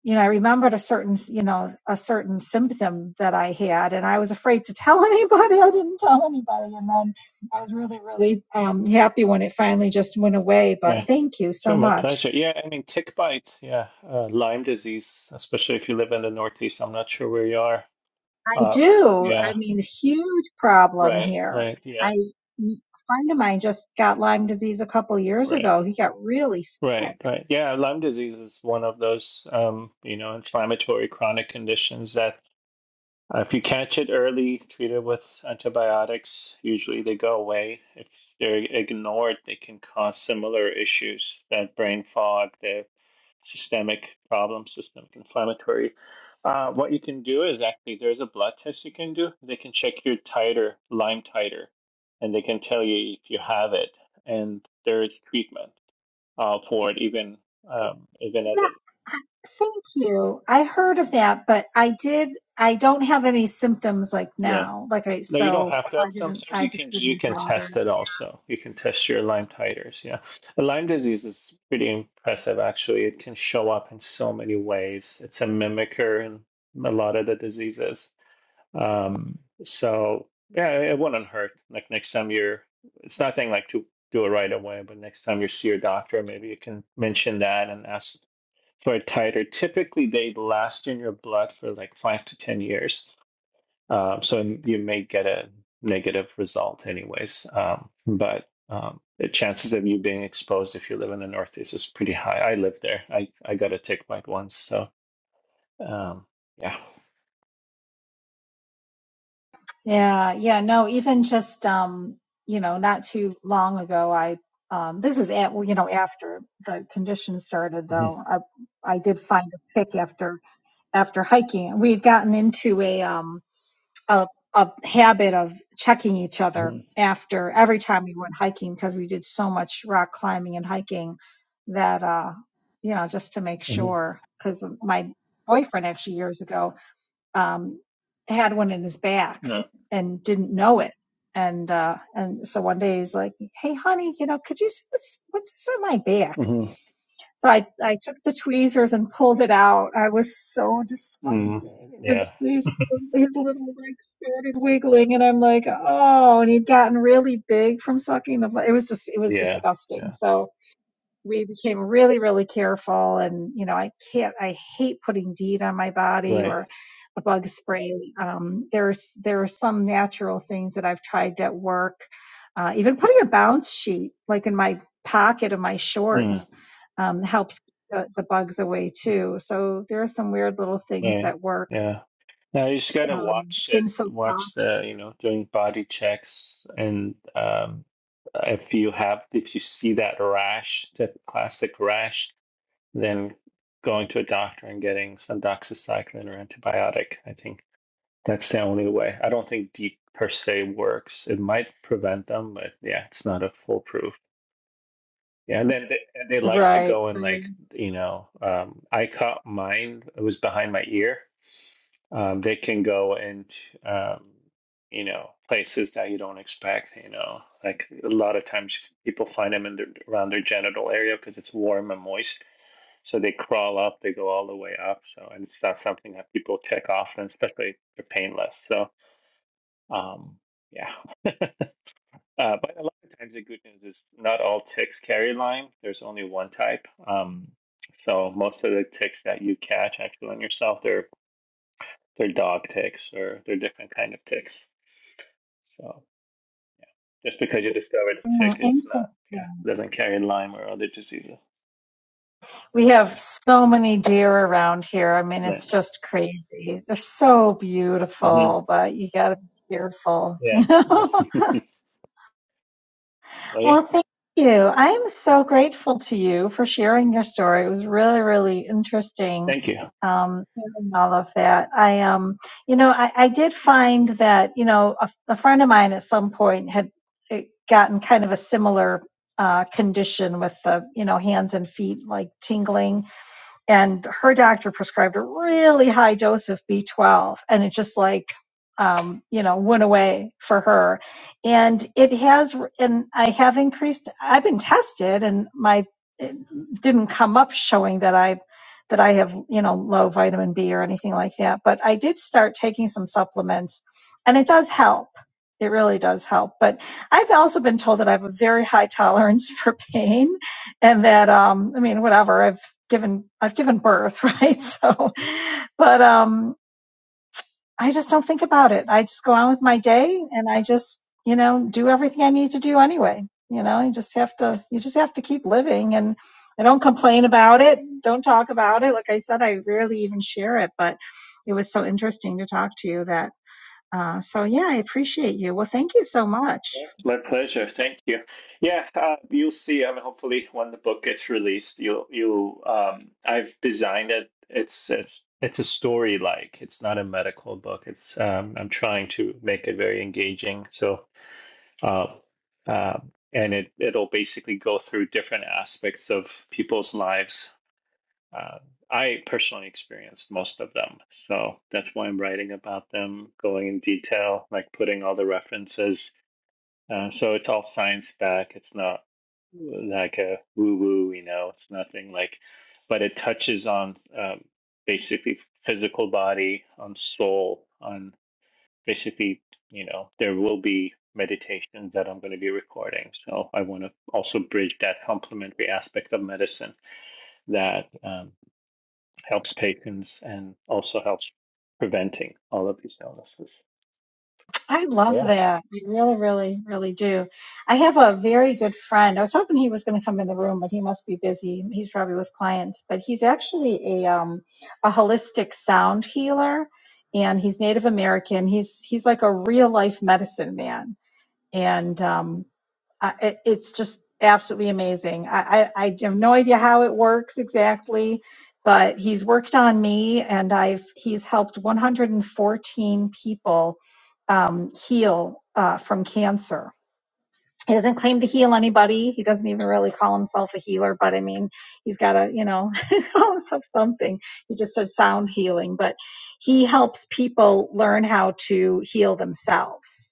Speaker 1: you know, I remembered a certain, you know, a certain symptom that I had, and I was afraid to tell anybody. I didn't tell anybody, and then I was really, really um, happy when it finally just went away.
Speaker 7: All
Speaker 1: But
Speaker 7: right.
Speaker 1: thank you so
Speaker 7: Sure, my
Speaker 1: much.
Speaker 7: pleasure. Yeah, I mean, tick bites, yeah, uh, Lyme disease, especially if you live in the Northeast. I'm not sure where you are.
Speaker 1: I
Speaker 7: Uh,
Speaker 1: do.
Speaker 7: yeah,
Speaker 1: I mean, huge problem
Speaker 7: right,
Speaker 1: here.
Speaker 7: right, yeah,
Speaker 1: I a friend of mine just got Lyme disease a couple years
Speaker 7: right,
Speaker 1: ago. He got really sick.
Speaker 7: right, right. Yeah, Lyme disease is one of those, um, you know, inflammatory chronic conditions that Uh, if you catch it early, treat it with antibiotics. Usually they go away. If they're ignored, they can cause similar issues that brain fog, the systemic problems, systemic inflammatory. Uh, what you can do is actually there's a blood test you can do. They can check your titer, Lyme titer, and they can tell you if you have it. And there is treatment uh, for it, even um, even at
Speaker 1: Yeah,
Speaker 7: the
Speaker 1: thank you. I heard of that, but I did. I don't have any symptoms like
Speaker 7: yeah.
Speaker 1: now. Like I,
Speaker 7: No, you don't
Speaker 1: so
Speaker 7: have to have.
Speaker 1: I didn't.
Speaker 7: Sometimes
Speaker 1: I
Speaker 7: you
Speaker 1: just
Speaker 7: can you
Speaker 1: didn't
Speaker 7: can
Speaker 1: bother.
Speaker 7: test it also. You can test your Lyme titers. Yeah, Lyme disease is pretty impressive actually. It can show up in so many ways. It's a mimicker in a lot of the diseases. Um, so yeah, it wouldn't hurt. Like next time you're, it's nothing like to do it right away, but next time you see your doctor, maybe you can mention that and ask for a titer. Typically, they last in your blood for like five to ten years. Uh, so you may get a negative result, anyways. Um, but um, the chances of you being exposed if you live in the Northeast is pretty high. I live there. I, I got a tick bite once. So, um, yeah.
Speaker 1: Yeah, yeah, no, even just um, you know, not too long ago, I um, this is at well, you know, after the condition started though, I I did find a pick after after hiking, we've gotten into a um a a habit of checking each other
Speaker 7: Mm-hmm.
Speaker 1: after every time we went hiking because we did so much rock climbing and hiking that uh, you know, just to make
Speaker 7: hmm
Speaker 1: sure because my boyfriend actually years ago um, had one in his back
Speaker 7: No.
Speaker 1: and didn't know it. And uh, and so one day he's like, "Hey, honey, you know, could you see what's what's this on my back?"
Speaker 7: hmm
Speaker 1: So I I took the tweezers and pulled it out. I was so
Speaker 7: mm
Speaker 1: disgusted. It
Speaker 7: Yeah.
Speaker 1: was these little- his little like started wiggling, and I'm like, "Oh!" And he'd gotten really big from sucking the. blo- It was just it was
Speaker 7: Yeah.
Speaker 1: disgusting.
Speaker 7: Yeah.
Speaker 1: So we became really really careful and you know i can't i hate putting DEET on my body
Speaker 7: Right.
Speaker 1: or a bug spray um, there's there are some natural things that i've tried that work uh, even putting a bounce sheet like in my pocket of my
Speaker 7: Mm.
Speaker 1: shorts um, helps the, the bugs away too so there are some weird little things
Speaker 7: Right.
Speaker 1: that work
Speaker 7: Yeah. Now you just gotta
Speaker 1: um,
Speaker 7: watch it,
Speaker 1: skin so soft
Speaker 7: watch the, you know, doing body checks and um if you have if you see that rash, that classic rash, then going to a doctor and getting some doxycycline or antibiotic. I think that's the only way. I don't think DEET per se works. It might prevent them, but yeah, it's not a foolproof. Yeah, and then they, and they like to
Speaker 1: right
Speaker 7: go and
Speaker 1: right.
Speaker 7: like, you know, um I caught mine, it was behind my ear um, they can go and um, you know places that you don't expect you know like a lot of times people find them in their, around their genital area because it's warm and moist so they crawl up they go all the way up so and it's not something that people check often especially if they're painless so um, yeah uh, but a lot of times the good news is not all ticks carry lyme there's only one type um, so most of the ticks that you catch actually on yourself they're they're dog ticks or they're different kind of ticks. So just because you discovered a
Speaker 1: Mm,
Speaker 7: tick, it's not
Speaker 1: interesting
Speaker 7: yeah doesn't carry Lyme or other diseases.
Speaker 1: We have so many deer around here. I mean,
Speaker 7: But,
Speaker 1: it's just crazy. They're so
Speaker 7: mm-hmm.
Speaker 1: beautiful, but you got to be careful,
Speaker 7: Yeah.
Speaker 1: you know.
Speaker 7: yeah. well, yeah.
Speaker 1: well, thank you. I'm so grateful to you for sharing your story. It was really, really interesting.
Speaker 7: Thank you.
Speaker 1: Um, hearing all of that. I um, you know, I, I did find that you know a, a friend of mine at some point had eh, gotten kind of a similar uh, condition with the you know hands and feet like tingling and her doctor prescribed a really high dose of B12 and it just like um, you know went away for her and it has and I have increased I've been tested and my it didn't come up showing that I that I have you know low vitamin B or anything like that but I did start taking some supplements and it does help it really does help but I've also been told that I have a very high tolerance for pain and that um i mean whatever i've given i've given birth right so but um i just don't think about it i just go on with my day and i just you know do everything i need to do anyway you know you just have to you just have to keep living and i don't complain about it don't talk about it like i said i rarely even share it but it was so interesting to talk to you that uh, so yeah i appreciate you well thank you so much
Speaker 7: My pleasure. Thank you. Yeah, uh, you'll see. I mean, hopefully, when the book gets released, you'll you um, I've designed it. It's it's it's a story like. It's not a medical book. It's um, I'm trying to make it very engaging. So Uh, uh, and it, it'll basically go through different aspects of people's lives. Uh, I personally experienced most of them. So that's why I'm writing about them, going in detail, like putting all the references. Uh, so it's all science back. It's not like a woo woo, you know, it's nothing like, but it touches on um, basically physical body, on soul, on basically, you know, there will be meditations that I'm going to be recording. So I want to also bridge that complementary aspect of medicine that um, helps patients and also helps preventing all of these illnesses.
Speaker 1: I love
Speaker 7: Yeah,
Speaker 1: that. I really, really, really do. I have a very good friend. I was hoping he was going to come in the room, but he must be busy. He's probably with clients. But he's actually a um, a holistic sound healer, and he's Native American. He's he's like a real life medicine man, and um, uh, it, it's just absolutely amazing. I, I, I have no idea how it works exactly, but he's worked on me, and I've he's helped 114 people um, heal uh, from cancer. He doesn't claim to heal anybody. He doesn't even really call himself a healer, but I mean, he's got to, you know, call himself something. He just says sound healing, but he helps people learn how to heal themselves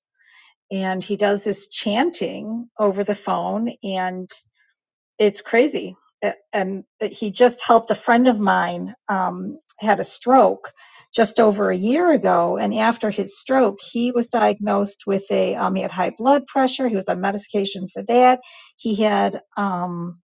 Speaker 1: and he does this chanting over the phone and it's crazy and he just helped a friend of mine um, had a stroke just over a year ago and after his stroke he was diagnosed with a um, he had high blood pressure he was on medication for that he had um,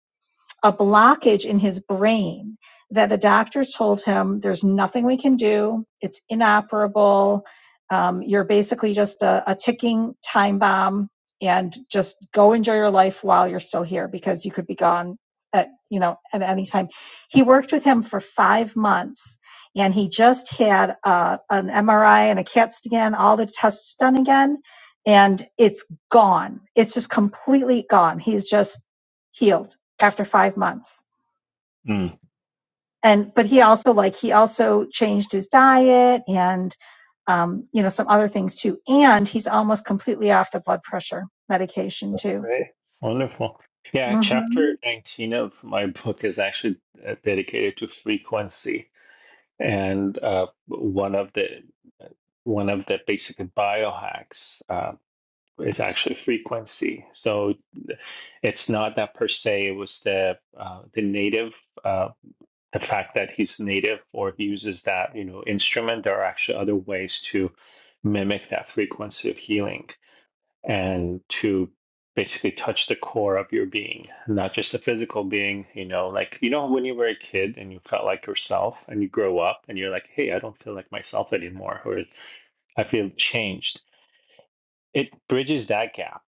Speaker 1: a blockage in his brain that the doctors told him there's nothing we can do it's inoperable um, you're basically just a, a ticking time bomb and just go enjoy your life while you're still here because you could be gone at you know at any time he worked with him for five months and he just had uh, an mri and a cat scan all the tests done again and it's gone it's just completely gone he's just healed after five months.
Speaker 7: mm,
Speaker 1: And but he also like he also changed his diet and um, you know some other things too. And he's almost completely off the blood pressure medication
Speaker 7: that's
Speaker 1: too.
Speaker 7: great. Wonderful. Yeah,
Speaker 1: hmm
Speaker 7: chapter 19 of my book is actually uh, dedicated to frequency. And uh, one of the one of the basic biohacks. uh, Is actually frequency. So it's not that per se it was the uh, the native uh, the fact that he's native or uses that you know instrument there are actually other ways to mimic that frequency of healing and to basically touch the core of your being not just the physical being you know like you know when you were a kid and you felt like yourself and you grow up and you're like hey i don't feel like myself anymore or i feel changed it bridges that gap.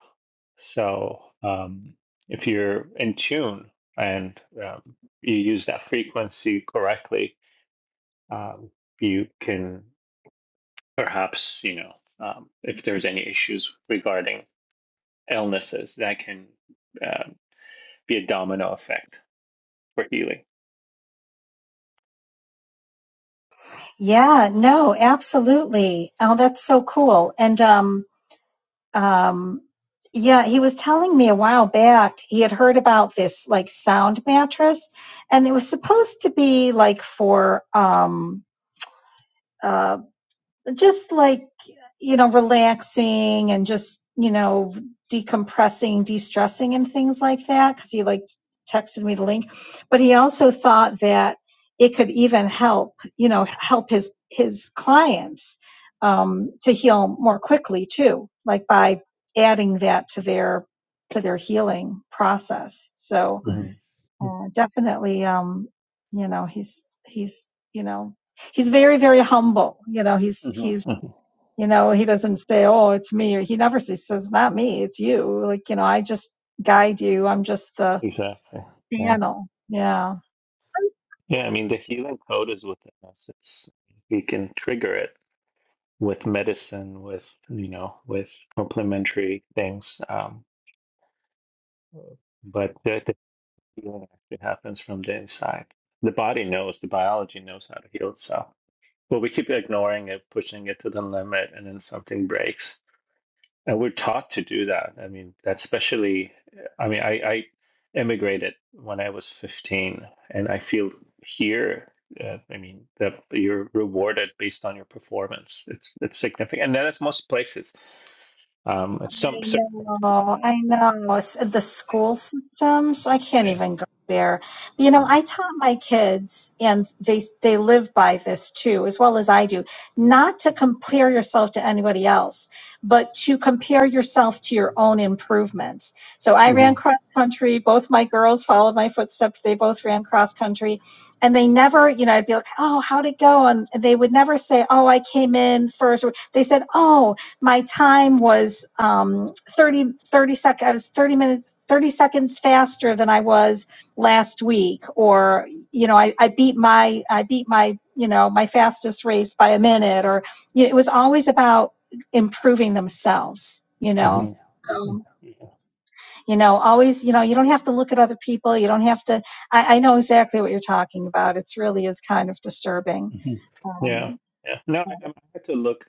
Speaker 7: So um, if you're in tune and um, you use that frequency correctly, um, you can perhaps, you know, um, if there's any issues regarding illnesses, that can uh, be a domino effect for healing.
Speaker 1: Yeah, no, absolutely. Oh, that's so cool. And um, um, yeah, he was telling me a while back he had heard about this like sound mattress, and it was supposed to be like for um uh, just like you know relaxing and just you know decompressing de-stressing and things like that because he like texted me the link but he also thought that it could even help you know help his his clients um, to heal more quickly too like by adding that to their to their healing process so
Speaker 7: hmm
Speaker 1: uh, definitely um you know he's he's you know he's very very humble you know he's
Speaker 7: hmm
Speaker 1: he's you know, he doesn't say, "Oh, it's me," or he never says, says "Not me, it's you." Like, you know, I just guide you. I'm just the
Speaker 7: Exactly. Yeah.
Speaker 1: channel. Yeah.
Speaker 7: Yeah. I mean, the healing code is within us. It's we can trigger it with medicine, with you know, with complementary things. Um, but the, the healing actually happens from the inside. The body knows, the biology knows how to heal itself. But we keep ignoring it, pushing it to the limit, and then something breaks. And we're taught to do that. I mean, that's especially, I mean, I, I immigrated when I was 15, and I feel here, uh, I mean, that you're rewarded based on your performance. It's, it's significant. And that's most places Um, in some
Speaker 1: I
Speaker 7: certain countries,
Speaker 1: know, I
Speaker 7: yes.
Speaker 1: know. S- The school systems, I can't
Speaker 7: yeah,
Speaker 1: even go there. You
Speaker 7: yeah,
Speaker 1: know, I taught my kids, and they they live by this too, as well as I do, not to compare yourself to anybody else, but to compare yourself to your own improvements. So I
Speaker 7: yeah.
Speaker 1: ran
Speaker 7: Mm-hmm.
Speaker 1: cross country. Both my girls followed my footsteps. They both ran cross country. And they never, you know, I'd be like, oh, how'd it go? And they would never say, oh, I came in first. Or They said, oh, my time was um, 30, thirty sec- I was 30 minutes, 30 seconds faster than I was last week. Or, you know, I, I beat my, I beat my, you know, my fastest race by a minute or you know, it was always about improving themselves, you know?
Speaker 7: Mm-hmm. Mm-hmm.
Speaker 1: Um,
Speaker 7: Yeah,
Speaker 1: you know, always, you know, you don't have to look at other people. You don't have to, I, I know exactly what you're talking about. It's really is kind of disturbing.
Speaker 7: mhm. yeah.
Speaker 1: Um,
Speaker 7: yeah. No, I, um, I had to look.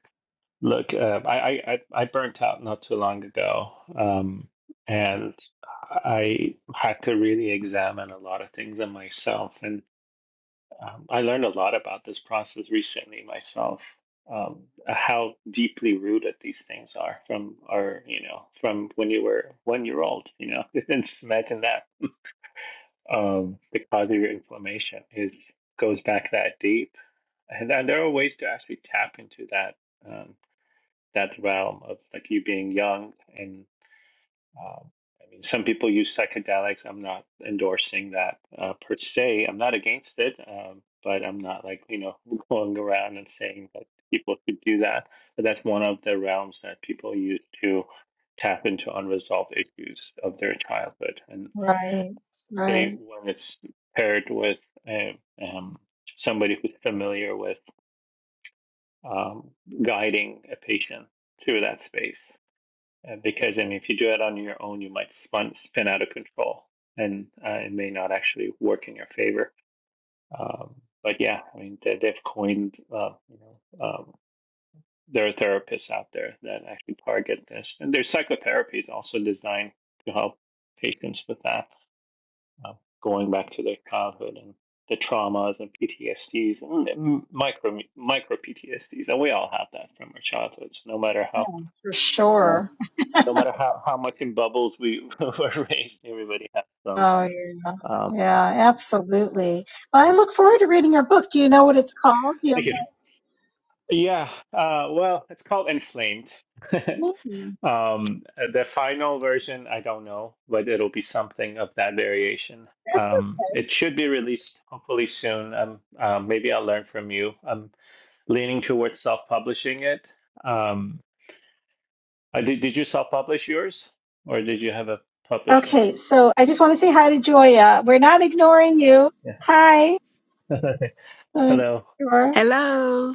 Speaker 7: Look, uh, I, I, I I burnt out not too long ago, um, and I had to really examine a lot of things in myself, and um, I learned a lot about this process recently myself. Um, how deeply rooted these things are from our, you know, from when you were one year old, you know, just imagine that um, the cause of your inflammation is goes back that deep, and, and there are ways to actually tap into that um, that realm of like you being young and um, I mean some people use psychedelics. I'm not endorsing that uh, per se. I'm not against it, um, but I'm not like you know going around and saying that people could do that. But that's one of the realms that people use to tap into unresolved issues of their childhood, And
Speaker 1: right. Right.
Speaker 7: especially when it's paired with a, um, somebody who's familiar with um, guiding a patient through that space. Uh, because I mean, if you do it on your own, you might spun, spin out of control, and uh, it may not actually work in your favor. Um, but yeah, I mean, they, they've coined, uh, you know, um, there are therapists out there that actually target this, and there's psychotherapies also designed to help patients with that. uh, going back to their childhood and the traumas and PTSDs and m- micro micro PTSDs, and we all have that from our childhoods. No matter how
Speaker 1: Yeah, for
Speaker 7: you
Speaker 1: sure.
Speaker 7: know, no matter how how much in bubbles we were raised, everybody has some.
Speaker 1: Oh, yeah.
Speaker 7: Um, yeah.
Speaker 1: Yeah, absolutely. Well, I look forward to reading your book. Do you know what it's called? Do you have
Speaker 7: Thank you. Yeah. Uh, well, it's called Inflamed.
Speaker 1: that name?
Speaker 7: um, the final version, I don't know, but it'll be something of that variation. Um, it should be released hopefully soon. Um, uh, maybe I'll learn from you. I'm leaning towards self-publishing it. Um, I did, did you self-publish yours, or did you have a publisher?
Speaker 1: Okay, so I just want to say hi to Joya. We're not ignoring you.
Speaker 7: Yeah.
Speaker 1: Hi. Uh,
Speaker 7: Hello.
Speaker 1: sure.
Speaker 8: Hello.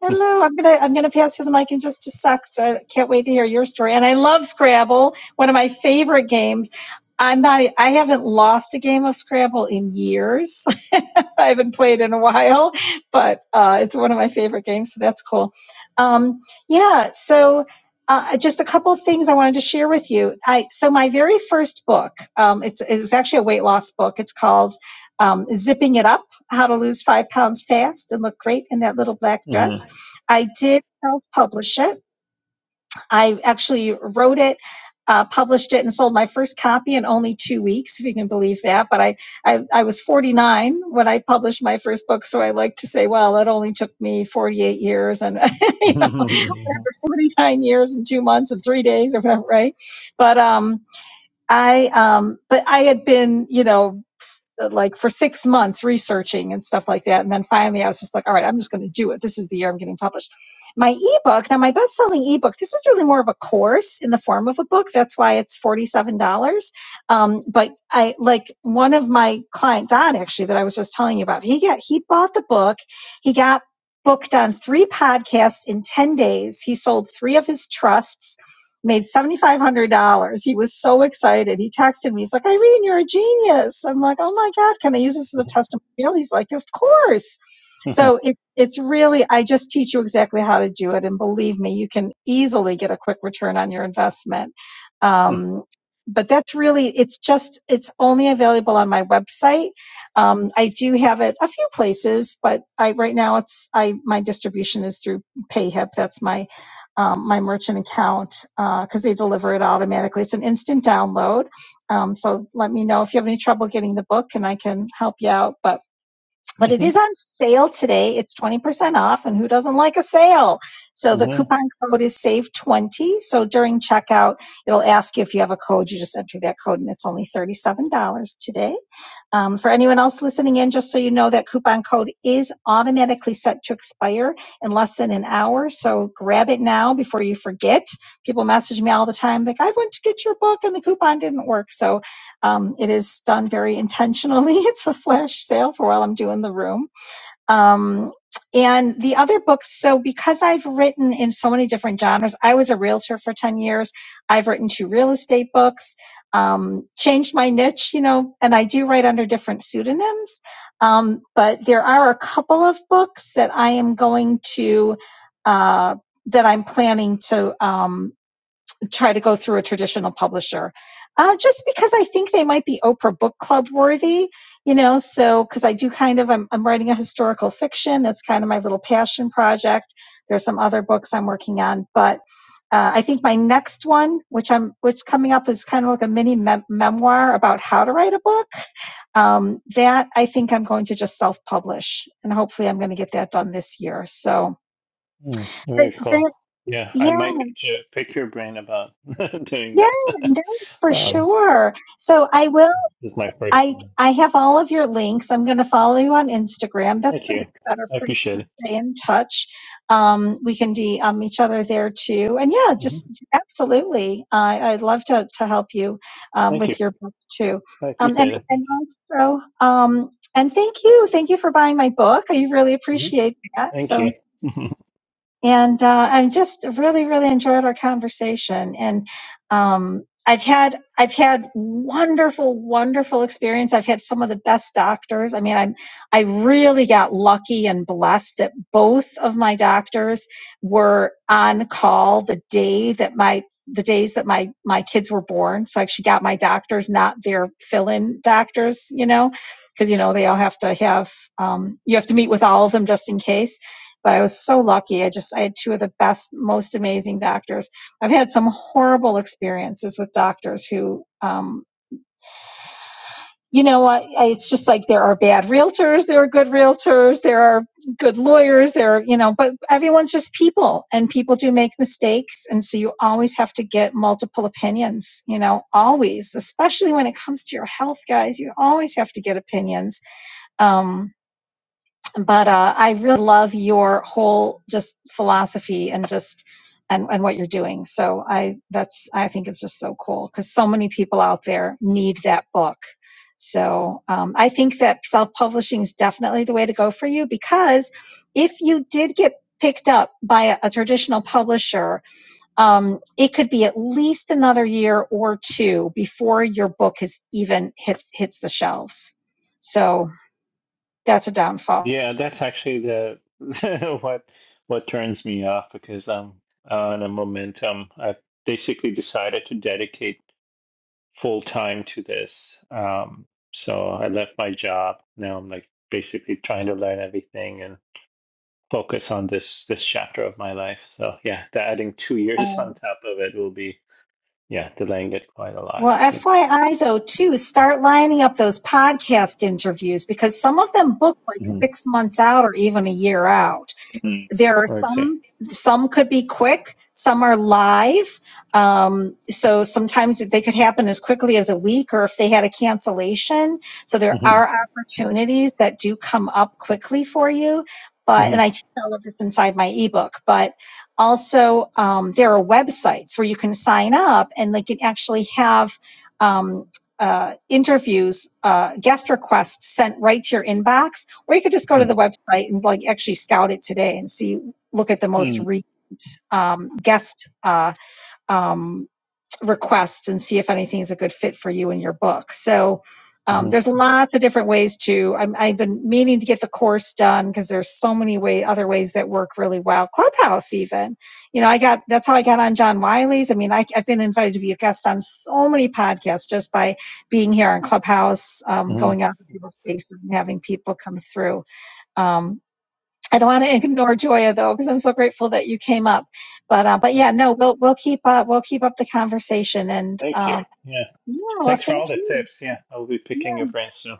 Speaker 1: Hello, I'm gonna I'm gonna pass you the mic in just a sec. So I can't wait to hear your story. And I love Scrabble, one of my favorite games. I'm not I haven't lost a game of Scrabble in years. I haven't played in a while, but uh, it's one of my favorite games, so that's cool. Um, yeah, so uh, just a couple of things I wanted to share with you. I so my very first book, um, it's it was actually a weight loss book. It's called um, Zipping It Up: How to Lose Five Pounds Fast and Look Great in That Little Black Dress
Speaker 7: Mm-hmm.
Speaker 1: I did self publish it. I actually wrote it, uh, published it, and sold my first copy in only two weeks, if you can believe that. But I, I, I was 49 when I published my first book, so I like to say, well, it only took me 48 years and you know,
Speaker 7: Mm-hmm.
Speaker 1: 49 years and two months and three days or whatever, right? But um, I um but I had been, you know, like for 6 months researching and stuff like that and then finally I was just like, all right, I'm just going to do it. This is the year I'm getting published. My ebook, now my best-selling ebook, this is really more of a course in the form of a book. That's why it's $47. Um but I like one of my clients on actually that I was just telling you about. He got he bought the book. He got booked on 3 podcasts in 10 days. He sold 3 of his trusts made $7,500. He was so excited. He texted me. He's like, Irene, you're a genius. I'm like, oh my God, can I use this as a testimonial? He's like, of course. So it, it's really, I just teach you exactly how to do it. And believe me, you can easily get a quick return on your investment. Um, but that's really, it's just, it's only available on my website. Um, I do have it a few places, but I, right now it's, I, my distribution is through PayHip. That's my um, my merchant account because uh, they deliver it automatically. It's an instant download. Um, so let me know if you have any trouble getting the book, and I can help you out. But but it
Speaker 7: Mm-hmm.
Speaker 1: is on sale today. It's twenty percent off, and who doesn't like a sale? So the
Speaker 7: Mm-hmm.
Speaker 1: coupon code is save twenty. So during checkout, it'll ask you if you have a code. You just enter that code, and it's only thirty seven dollars today. Um, for anyone else listening in, just so you know, that coupon code is automatically set to expire in less than an hour. So grab it now before you forget. People message me all the time, like, I went to get your book and the coupon didn't work. So um, it is done very intentionally. It's a flash sale for while I'm doing the room. Um, and the other books, so because I've written in so many different genres, I was a realtor for 10 years. I've written two real estate books, um, changed my niche, you know, and I do write under different pseudonyms. Um, but there are a couple of books that I am going to, uh, that I'm planning to, um, try to go through a traditional publisher uh, just because i think they might be oprah book club worthy you know so because i do kind of I'm, I'm writing a historical fiction that's kind of my little passion project there's some other books i'm working on but uh, i think my next one which i'm which coming up is kind of like a mini mem- memoir about how to write a book um, that i think i'm going to just self-publish and hopefully i'm going to get that done this year so But
Speaker 7: Very cool.
Speaker 1: that-
Speaker 7: Yeah, I
Speaker 1: yeah
Speaker 7: might need to pick your brain about doing
Speaker 1: Yeah,
Speaker 7: that.
Speaker 1: no, for
Speaker 7: um,
Speaker 1: sure. So I will.
Speaker 7: this is my first
Speaker 1: I
Speaker 7: one.
Speaker 1: I have all of your links. I'm going to follow you on Instagram. That's
Speaker 7: Thank
Speaker 1: a
Speaker 7: you.
Speaker 1: better
Speaker 7: I
Speaker 1: place to
Speaker 7: appreciate it.
Speaker 1: stay in touch. Um, we can DM each other there too. And yeah,
Speaker 7: hmm
Speaker 1: just absolutely. I I'd love to to help you um,
Speaker 7: Thank you.
Speaker 1: with your book too.
Speaker 7: I
Speaker 1: Um, and
Speaker 7: appreciate it. Thank
Speaker 1: and
Speaker 7: you.
Speaker 1: also um, and thank you, thank you for buying my book. I really
Speaker 7: hmm
Speaker 1: appreciate that.
Speaker 7: Thank
Speaker 1: So.
Speaker 7: you.
Speaker 1: And uh, I just really, really enjoyed our conversation. And um, I've had I've had wonderful, wonderful experience. I've had some of the best doctors. I mean, I am I really got lucky and blessed that both of my doctors were on call the day that my the days that my my kids were born. So I actually got my doctors, not their fill-in doctors, you know, because you know they all have to have um, you have to meet with all of them just in case but I was so lucky. I just I had two of the best, most amazing doctors. I've had some horrible experiences with doctors who, um, you know, I, I, it's just like there are bad realtors, there are good realtors, there are good lawyers, there are you know, but everyone's just people, and people do make mistakes, and so you always have to get multiple opinions. You know, always, especially when it comes to your health, guys, you always have to get opinions. Um, but uh, I really love your whole just philosophy and just and, and what you're doing. So I that's I think it's just so cool because so many people out there need that book. So um, I think that self publishing is definitely the way to go for you because if you did get picked up by a, a traditional publisher, um, it could be at least another year or two before your book has even hit hits the shelves. So that's a downfall.
Speaker 7: Yeah, that's actually the what what turns me off because I'm on a momentum. I've basically decided to dedicate full time to this. Um, so I left my job. Now I'm like basically trying to learn everything and focus on this this chapter of my life. So yeah, the adding two years on top of it will be yeah, delaying it quite a lot.
Speaker 1: Well,
Speaker 7: So
Speaker 1: FYI though, too, start lining up those podcast interviews because some of them book like
Speaker 7: Mhm.
Speaker 1: six months out or even a year out
Speaker 7: Mhm.
Speaker 1: there are
Speaker 7: I see.
Speaker 1: some some could be quick some are live um, so sometimes they could happen as quickly as a week or if they had a cancellation so there
Speaker 7: hmm
Speaker 1: are opportunities that do come up quickly for you but and
Speaker 7: hmm
Speaker 1: i teach all of this inside my ebook but also um, there are websites where you can sign up and they can actually have um, uh, interviews uh, guest requests sent right to your inbox or you could just go to the website and like actually scout it today and see, look at the most
Speaker 7: hmm
Speaker 1: re, um, guest uh, um, requests and see if anything is a good fit for you and your book. So um,
Speaker 7: hmm
Speaker 1: there's lots of different ways to. I'm, I've been meaning to get the course done because there's so many way other ways that work really well. Clubhouse even, you know, I got that's how I got on John Wiley's. I mean, I, I've been invited to be a guest on so many podcasts just by being here on Clubhouse, um,
Speaker 7: hmm
Speaker 1: going out to people's faces and having people come through um, I don't want to ignore Joya though, because I'm so grateful that you came up. But uh, but yeah, no, we'll we'll keep up we'll keep up the conversation and
Speaker 7: Thank you.
Speaker 1: um,
Speaker 7: Yeah.
Speaker 1: yeah, well,
Speaker 7: Thanks for
Speaker 1: thank
Speaker 7: all the
Speaker 1: you.
Speaker 7: tips. Yeah, I'll be picking your brain soon.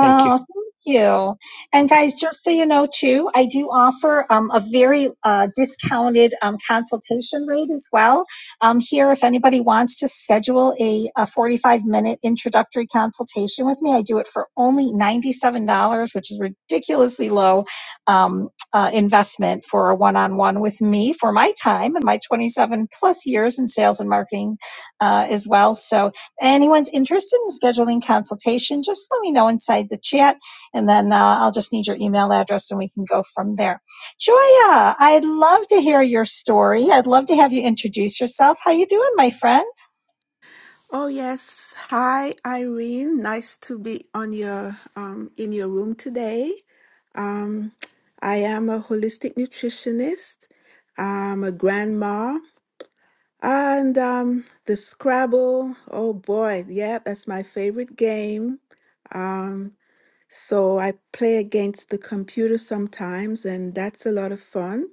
Speaker 7: Thank you.
Speaker 1: thank you. And guys, just so you know too, I do offer um, a very uh, discounted um, consultation rate as well. Um, here, if anybody wants to schedule a, a 45 minute introductory consultation with me, I do it for only $97, which is ridiculously low um, uh, investment for a one on one with me for my time and my 27 plus years in sales and marketing uh, as well. So Anyone's interested in scheduling consultation, just let me know inside the chat, and then uh, I'll just need your email address and we can go from there. Joya, I'd love to hear your story. I'd love to have you introduce yourself. How you doing, my friend?
Speaker 8: Oh yes. Hi Irene. Nice to be on your um in your room today. Um I am a holistic nutritionist. I'm a grandma and um the Scrabble. Oh boy. Yeah, that's my favorite game. Um so I play against the computer sometimes and that's a lot of fun.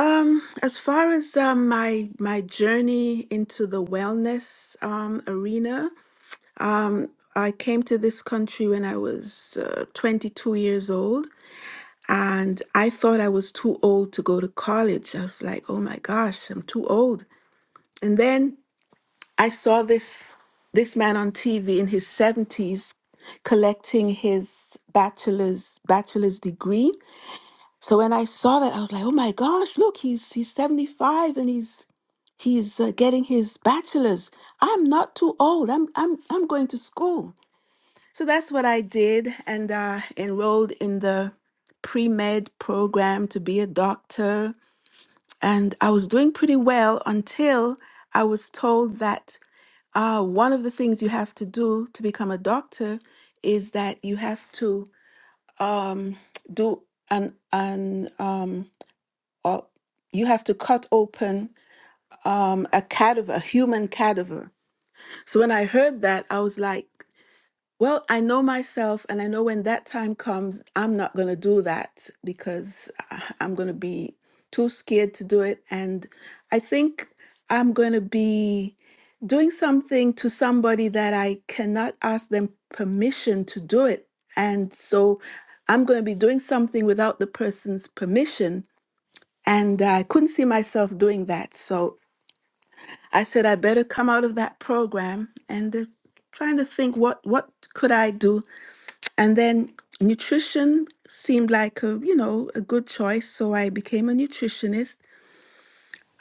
Speaker 8: Um, as far as um, my my journey into the wellness um, arena, um, I came to this country when I was uh, 22 years old, and I thought I was too old to go to college. I was like, "Oh my gosh, I'm too old." And then I saw this this man on TV in his 70s collecting his bachelor's bachelor's degree. So when I saw that, I was like, "Oh my gosh, look, he's he's 75 and he's He's uh, getting his bachelor's. I'm not too old. I'm I'm I'm going to school. So that's what I did, and uh, enrolled in the pre med program to be a doctor. And I was doing pretty well until I was told that uh, one of the things you have to do to become a doctor is that you have to um, do an an um, or you have to cut open um, a cadaver, a human cadaver. So when I heard that, I was like, well, I know myself, and I know when that time comes, I'm not going to do that because I- I'm going to be too scared to do it. And I think I'm going to be doing something to somebody that I cannot ask them permission to do it. And so I'm going to be doing something without the person's permission. And I couldn't see myself doing that. So I said I better come out of that program and uh, trying to think what what could I do. And then nutrition seemed like a you know a good choice, so I became a nutritionist.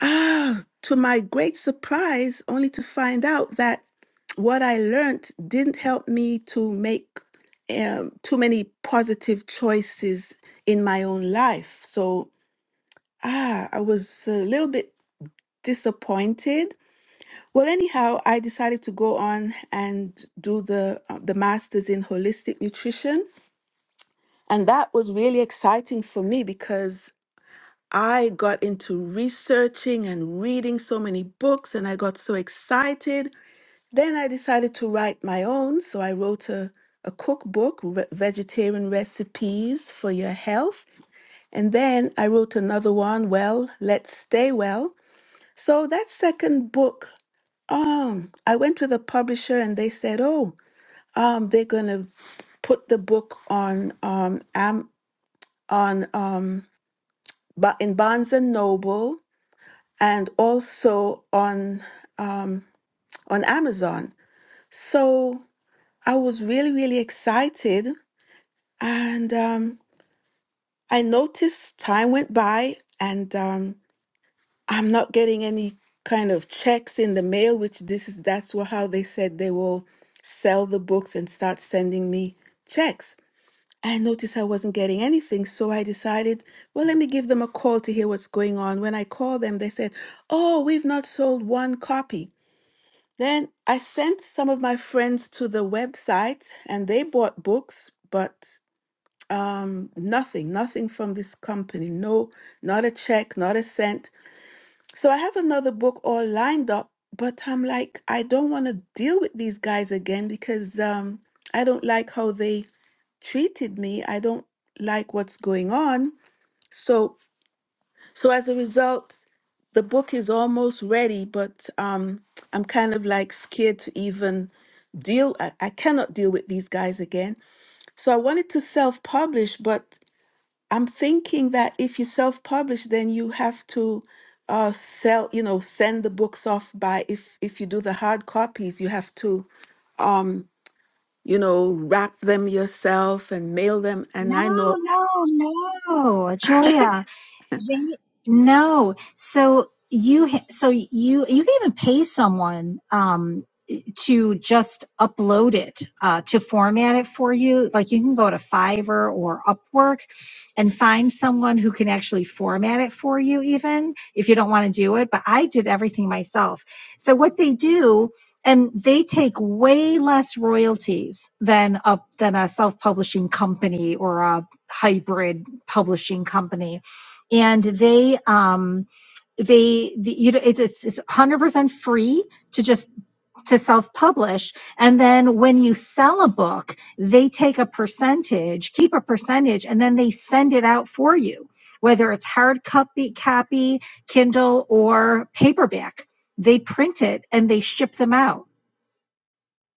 Speaker 8: Ah, to my great surprise, only to find out that what I learned didn't help me to make um, too many positive choices in my own life. So ah, I was a little bit disappointed Well, anyhow, I decided to go on and do the uh, the masters in holistic nutrition, and that was really exciting for me because I got into researching and reading so many books and I got so excited. Then I decided to write my own, so I wrote a a cookbook, re- vegetarian recipes for your health, and then I wrote another one, well, let's stay well. So that second book Um, I went to the publisher and they said, "Oh, um, they're gonna put the book on um am on um but in Barnes and Noble and also on um on Amazon." So I was really really excited, and um, I noticed time went by, and um, I'm not getting any kind of checks in the mail, which this is that's wha- how they said they will sell the books and start sending me checks. I noticed I wasn't getting anything, so I decided, well, let me give them a call to hear what's going on. When I called them, they said, oh, we've not sold one copy. Then I sent some of my friends to the website and they bought books, but um, nothing, nothing from this company. No, not a check, not a cent. So I have another book all lined up, but I'm like, I don't want to deal with these guys again because um, I don't like how they treated me. I don't like what's going on. So, so as a result, the book is almost ready, but um, I'm kind of like scared to even deal. I, I cannot deal with these guys again. So I wanted to self-publish, but I'm thinking that if you self-publish, then you have to uh, sell, you know, send the books off by if if you do the hard copies, you have to um, you know, wrap them yourself and mail them.
Speaker 1: No,
Speaker 8: And I know.
Speaker 1: no, no, Joya. They, no. So you so you you can even pay someone um to just upload it uh, to format it for you like you can go to fiverr or upwork and find someone who can actually format it for you even if you don't want to do it but i did everything myself so what they do and they take way less royalties than a than a self-publishing company or a hybrid publishing company and they um they the, you know it's it's 100% free to just to self-publish and then when you sell a book they take a percentage keep a percentage and then they send it out for you whether it's hard copy copy kindle or paperback they print it and they ship them out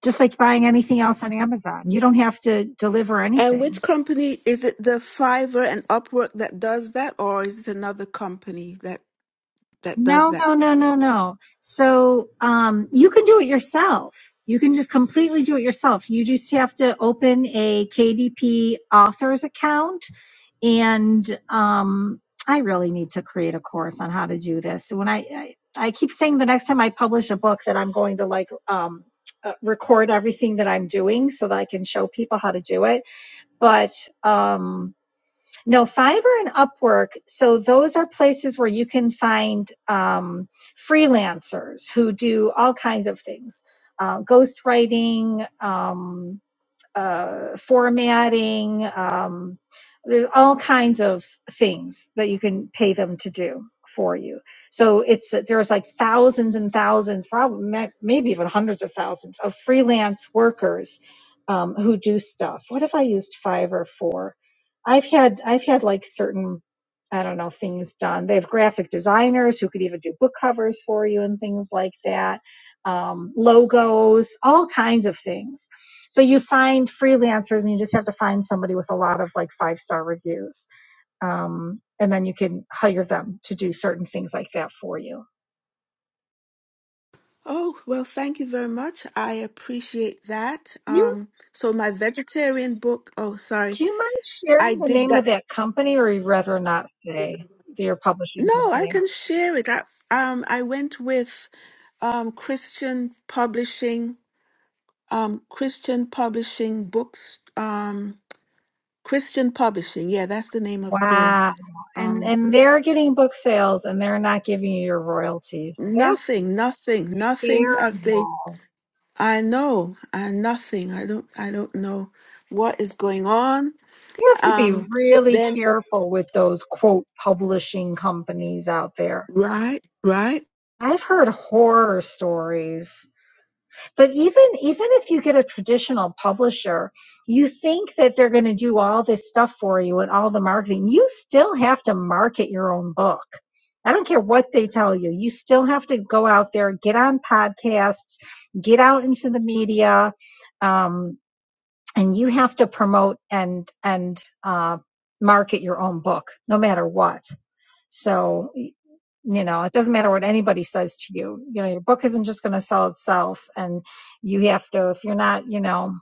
Speaker 1: just like buying anything else on amazon you don't have to deliver
Speaker 8: And
Speaker 1: anything
Speaker 8: which company is it? The Fiverr and Upwork that does that, or is it another company that that does
Speaker 1: No,
Speaker 8: that?
Speaker 1: no, no, no, no. So um, you can do it yourself. You can just completely do it yourself. You just have to open a KDP authors account. And um, I really need to create a course on how to do this. When I, I, I keep saying the next time I publish a book that I'm going to like um, uh, record everything that I'm doing so that I can show people how to do it. But um, no, Fiverr and Upwork. So those are places where you can find um, freelancers who do all kinds of things, uh, ghostwriting, um, uh, formatting. Um, there's all kinds of things that you can pay them to do for you. So it's there's like thousands and thousands, probably maybe even hundreds of thousands of freelance workers um, who do stuff. What have I used Fiverr for? I've had I've had like certain I don't know things done. They have graphic designers who could even do book covers for you and things like that um, logos, all kinds of things. So you find freelancers, and you just have to find somebody with a lot of like five star reviews, um, and then you can hire them to do certain things like that for you.
Speaker 8: Oh, well, thank you very much. I appreciate that.
Speaker 1: You
Speaker 8: Um, so my vegetarian book, oh, sorry,
Speaker 1: do you mind
Speaker 8: I
Speaker 1: sharing the
Speaker 8: did
Speaker 1: name
Speaker 8: that.
Speaker 1: of that company, or you'd rather not say your publishing
Speaker 8: No, I
Speaker 1: company?
Speaker 8: can share it. I, um, I went with um, Christian Publishing, um, Christian Publishing Books, um, Christian Publishing. Yeah, that's the name of the.
Speaker 1: Wow, and
Speaker 8: Um,
Speaker 1: and they're getting book sales, and they're not giving you your royalties. They are
Speaker 8: nothing, nothing, nothing of the.
Speaker 1: terrible.
Speaker 8: I know, I nothing. I don't. I don't know what is going on.
Speaker 1: You have to be
Speaker 8: Um,
Speaker 1: really
Speaker 8: then
Speaker 1: careful with those quote publishing companies out there.
Speaker 8: right, right.
Speaker 1: I've heard horror stories. But even even if you get a traditional publisher, you think that they're going to do all this stuff for you and all the marketing. You still have to market your own book. I don't care what they tell you. You still have to go out there, get on podcasts, get out into the media. Um, and you have to promote and and uh, market your own book no matter what so you know it doesn't matter what anybody says to you you know your book isn't just going to sell itself and you have to if you're not you know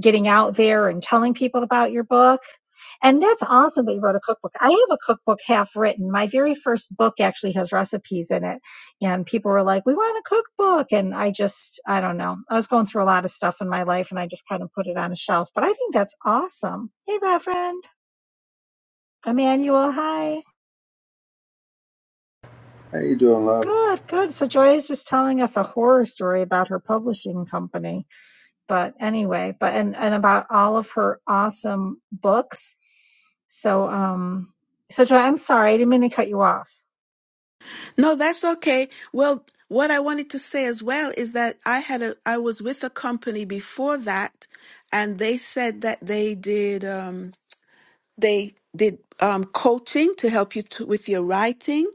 Speaker 1: getting out there and telling people about your book. And that's awesome that you wrote a cookbook. I have a cookbook half written. My very first book actually has recipes in it. And people were like, we want a cookbook. And I just, I don't know. I was going through a lot of stuff in my life and I just kind of put it on a shelf. But I think that's awesome. Hey, Reverend Emmanuel. Hi.
Speaker 9: How you doing, love?
Speaker 1: Good, good. So Joy is just telling us a horror story about her publishing company. But anyway, but and, and about all of her awesome books So, um, so Joy, I'm sorry, I didn't mean to cut you off.
Speaker 8: No, that's okay. Well, what I wanted to say as well is that I had a I was with a company before that, and they said that they did um, they did um, coaching to help you to, with your writing,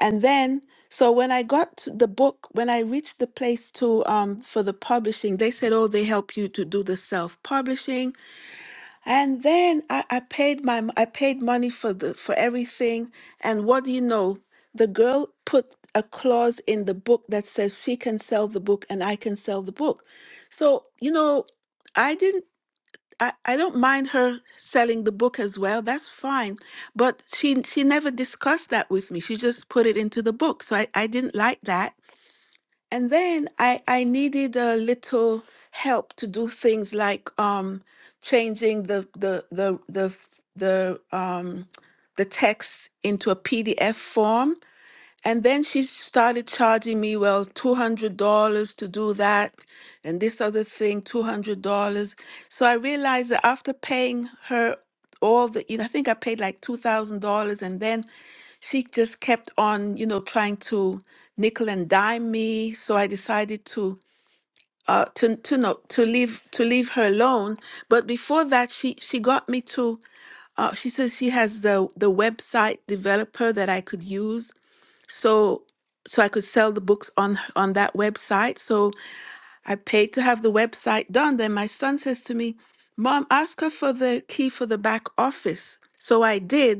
Speaker 8: and then so when I got to the book, when I reached the place to um, for the publishing, they said, "Oh, they help you to do the self publishing." And then I, I paid my I paid money for the for everything. And what do you know? The girl put a clause in the book that says she can sell the book and I can sell the book. So, you know, I didn't I, I don't mind her selling the book as well. That's fine. But she she never discussed that with me. She just put it into the book. So I, I didn't like that and then I I needed a little help to do things like um changing the the the the f- the um the text into a PDF form and then she started charging me, well, $200 to do that and this other thing, $200. So I realized that after paying her all the, I think I paid like $2,000 and then she just kept on, you know, trying to nickel and dime me. So I decided to, uh, to, to no, to leave, to leave her alone. But before that, she, she got me to, uh, she says she has the, the website developer that I could use so so I could sell the books on on that website. So I paid to have the website done. Then my son says to me, "Mom, ask her for the key for the back office." So I did.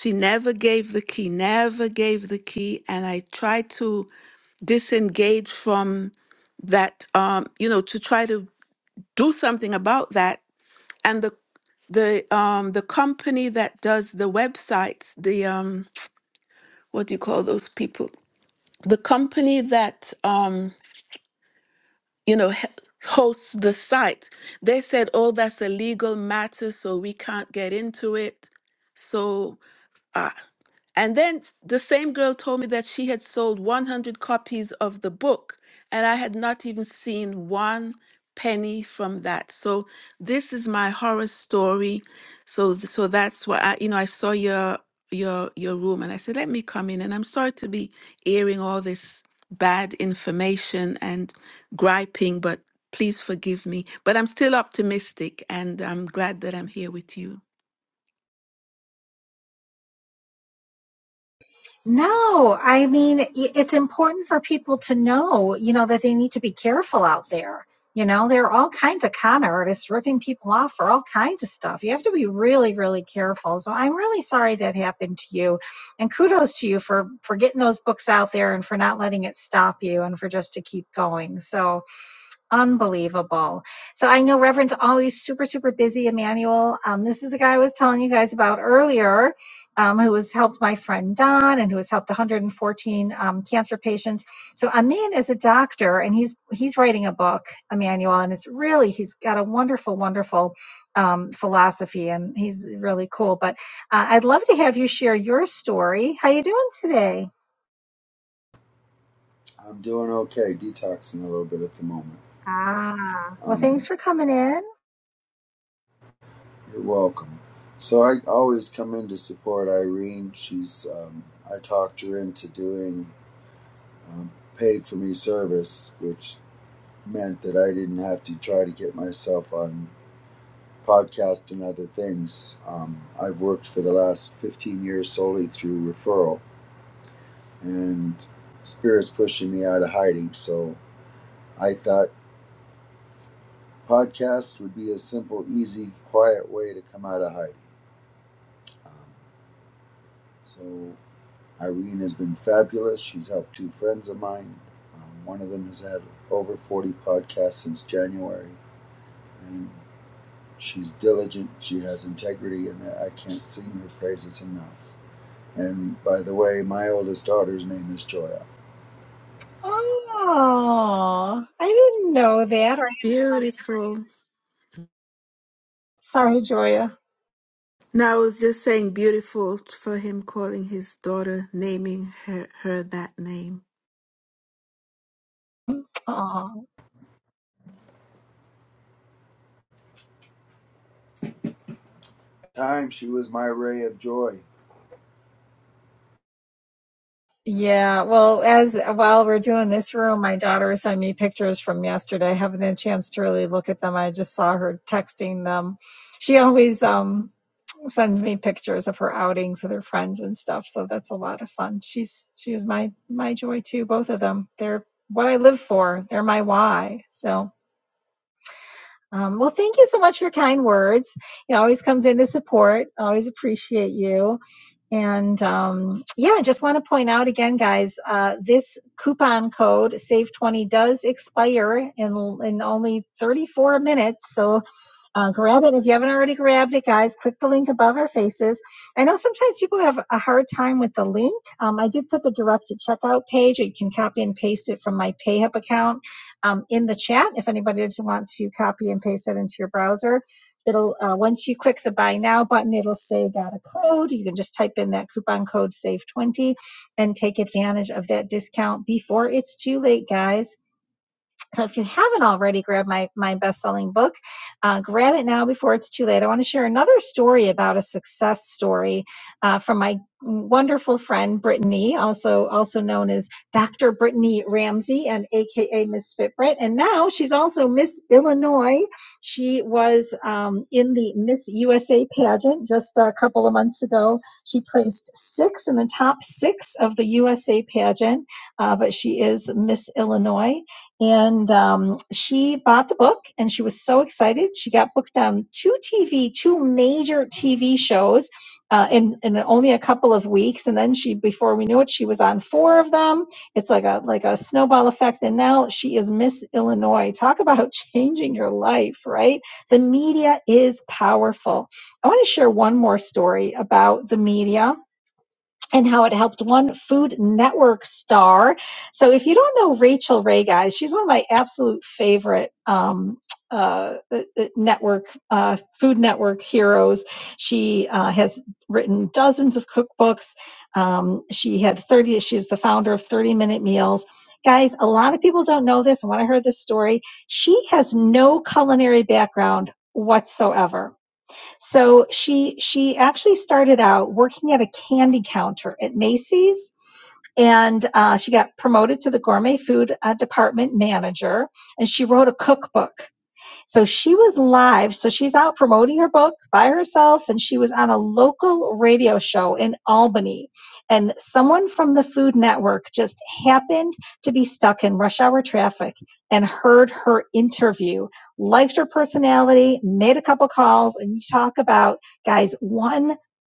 Speaker 8: She never gave the key, never gave the key, and I tried to disengage from that. Um, you know, to try to do something about that. And the the um the company that does the websites the um what do you call those people the company that um you know, he- hosts the site. They said, oh, that's a legal matter, so we can't get into it. So uh, and then the same girl told me that she had sold 100 copies of the book, and I had not even seen one penny from that. So this is my horror story. So th- so that's why I, you know I saw your your your room, and I said, let me come in. And I'm sorry to be airing all this bad information and griping, but please forgive me. But I'm still optimistic, and I'm glad that I'm here with you.
Speaker 1: No, I mean, it's important for people to know, you know, that they need to be careful out there. You know, there are all kinds of con artists ripping people off for all kinds of stuff. You have to be really, really careful. So I'm really sorry that happened to you. And kudos to you for for getting those books out there and for not letting it stop you and for just to keep going. So Unbelievable. So I know Reverend's always super, super busy, Emmanuel. Um, this is the guy I was telling you guys about earlier, um, who has helped my friend Don and who has helped 114 um, cancer patients. So Amin is a doctor and he's he's writing a book, Emmanuel, and it's really he's got a wonderful, wonderful um, philosophy and he's really cool. But uh, I'd love to have you share your story. How you doing today?
Speaker 9: I'm doing okay. Detoxing a little bit at the moment.
Speaker 1: Ah, well, thanks
Speaker 9: Um,
Speaker 1: for coming in.
Speaker 9: you're welcome. So I always come in to support Irene. She's um, I talked her into doing um, paid for me service, which meant that I didn't have to try to get myself on podcast and other things. Um, I've worked for the last 15 years solely through referral, and spirits pushing me out of hiding. So I thought Podcast would be a simple, easy, quiet way to come out of hiding. Um, so Irene has been fabulous. She's helped two friends of mine. Um, one of them has had over 40 podcasts since January, and she's diligent. She has integrity, and I can't sing her praises enough. And by the way, my oldest daughter's name is Joya.
Speaker 1: Oh, I didn't know that. Or-
Speaker 8: Beautiful.
Speaker 1: Sorry, Joya.
Speaker 8: Now I was just saying beautiful for him calling his daughter, naming her, her that name.
Speaker 1: Oh,
Speaker 9: At the Time she was my ray of joy.
Speaker 1: yeah. Well, as while we're doing this room, my daughter sent me pictures from yesterday. I haven't had a chance to really look at them. I just saw her texting them. She always um sends me pictures of her outings with her friends and stuff, so that's a lot of fun. She's she was my my joy too, both of them. They're what I live for. They're my why. So. Um, well, thank you so much for your kind words. It always comes in to support. Always appreciate you. And um, yeah, just want to point out again, guys, uh, this coupon code SAVE20 does expire in, in only 34 minutes. So uh, grab it. If you haven't already grabbed it, guys, click the link above our faces. I know sometimes people have a hard time with the link. Um, I did put the directed checkout page, or you can copy and paste it from my PayHip account um, in the chat if anybody doesn't want to copy and paste it into your browser. It'll uh, once you click the buy now button, it'll say got a code. You can just type in that coupon code save 20 and take advantage of that discount before it's too late, guys. So if you haven't already grabbed my my best-selling book, uh, grab it now before it's too late. I want to share another story about a success story uh, from my wonderful friend Brittany, also also known as Dr. Brittany Ramsey and AKA Miss Fitbrit, and now she's also Miss Illinois. She was um, in the Miss USA pageant just a couple of months ago. She placed six in the top six of the USA pageant, uh, but she is Miss Illinois. And um, she bought the book and she was so excited. She got booked on two TV, two major TV shows uh, in, in only a couple of weeks. And then she, before we knew it, she was on four of them. It's like a, like a snowball effect. And now she is Miss Illinois. Talk about changing your life, right? The media is powerful. I want to share one more story about the media and how it helped one Food Network star. So if you don't know Rachel Ray, guys, she's one of my absolute favorite um, uh, uh, uh, network uh, Food Network heroes. She uh, has written dozens of cookbooks. Um, she had 30. She's the founder of 30 Minute Meals. Guys, a lot of people don't know this. And when I heard this story, she has no culinary background whatsoever so she she actually started out working at a candy counter at Macy's, and uh, she got promoted to the gourmet food uh, department manager. And she wrote a cookbook so she was live. So she's out promoting her book by herself, and she was on a local radio show in Albany. And someone from the Food Network just happened to be stuck in rush hour traffic and heard her interview, liked her personality, made a couple calls, and you talk about, guys, one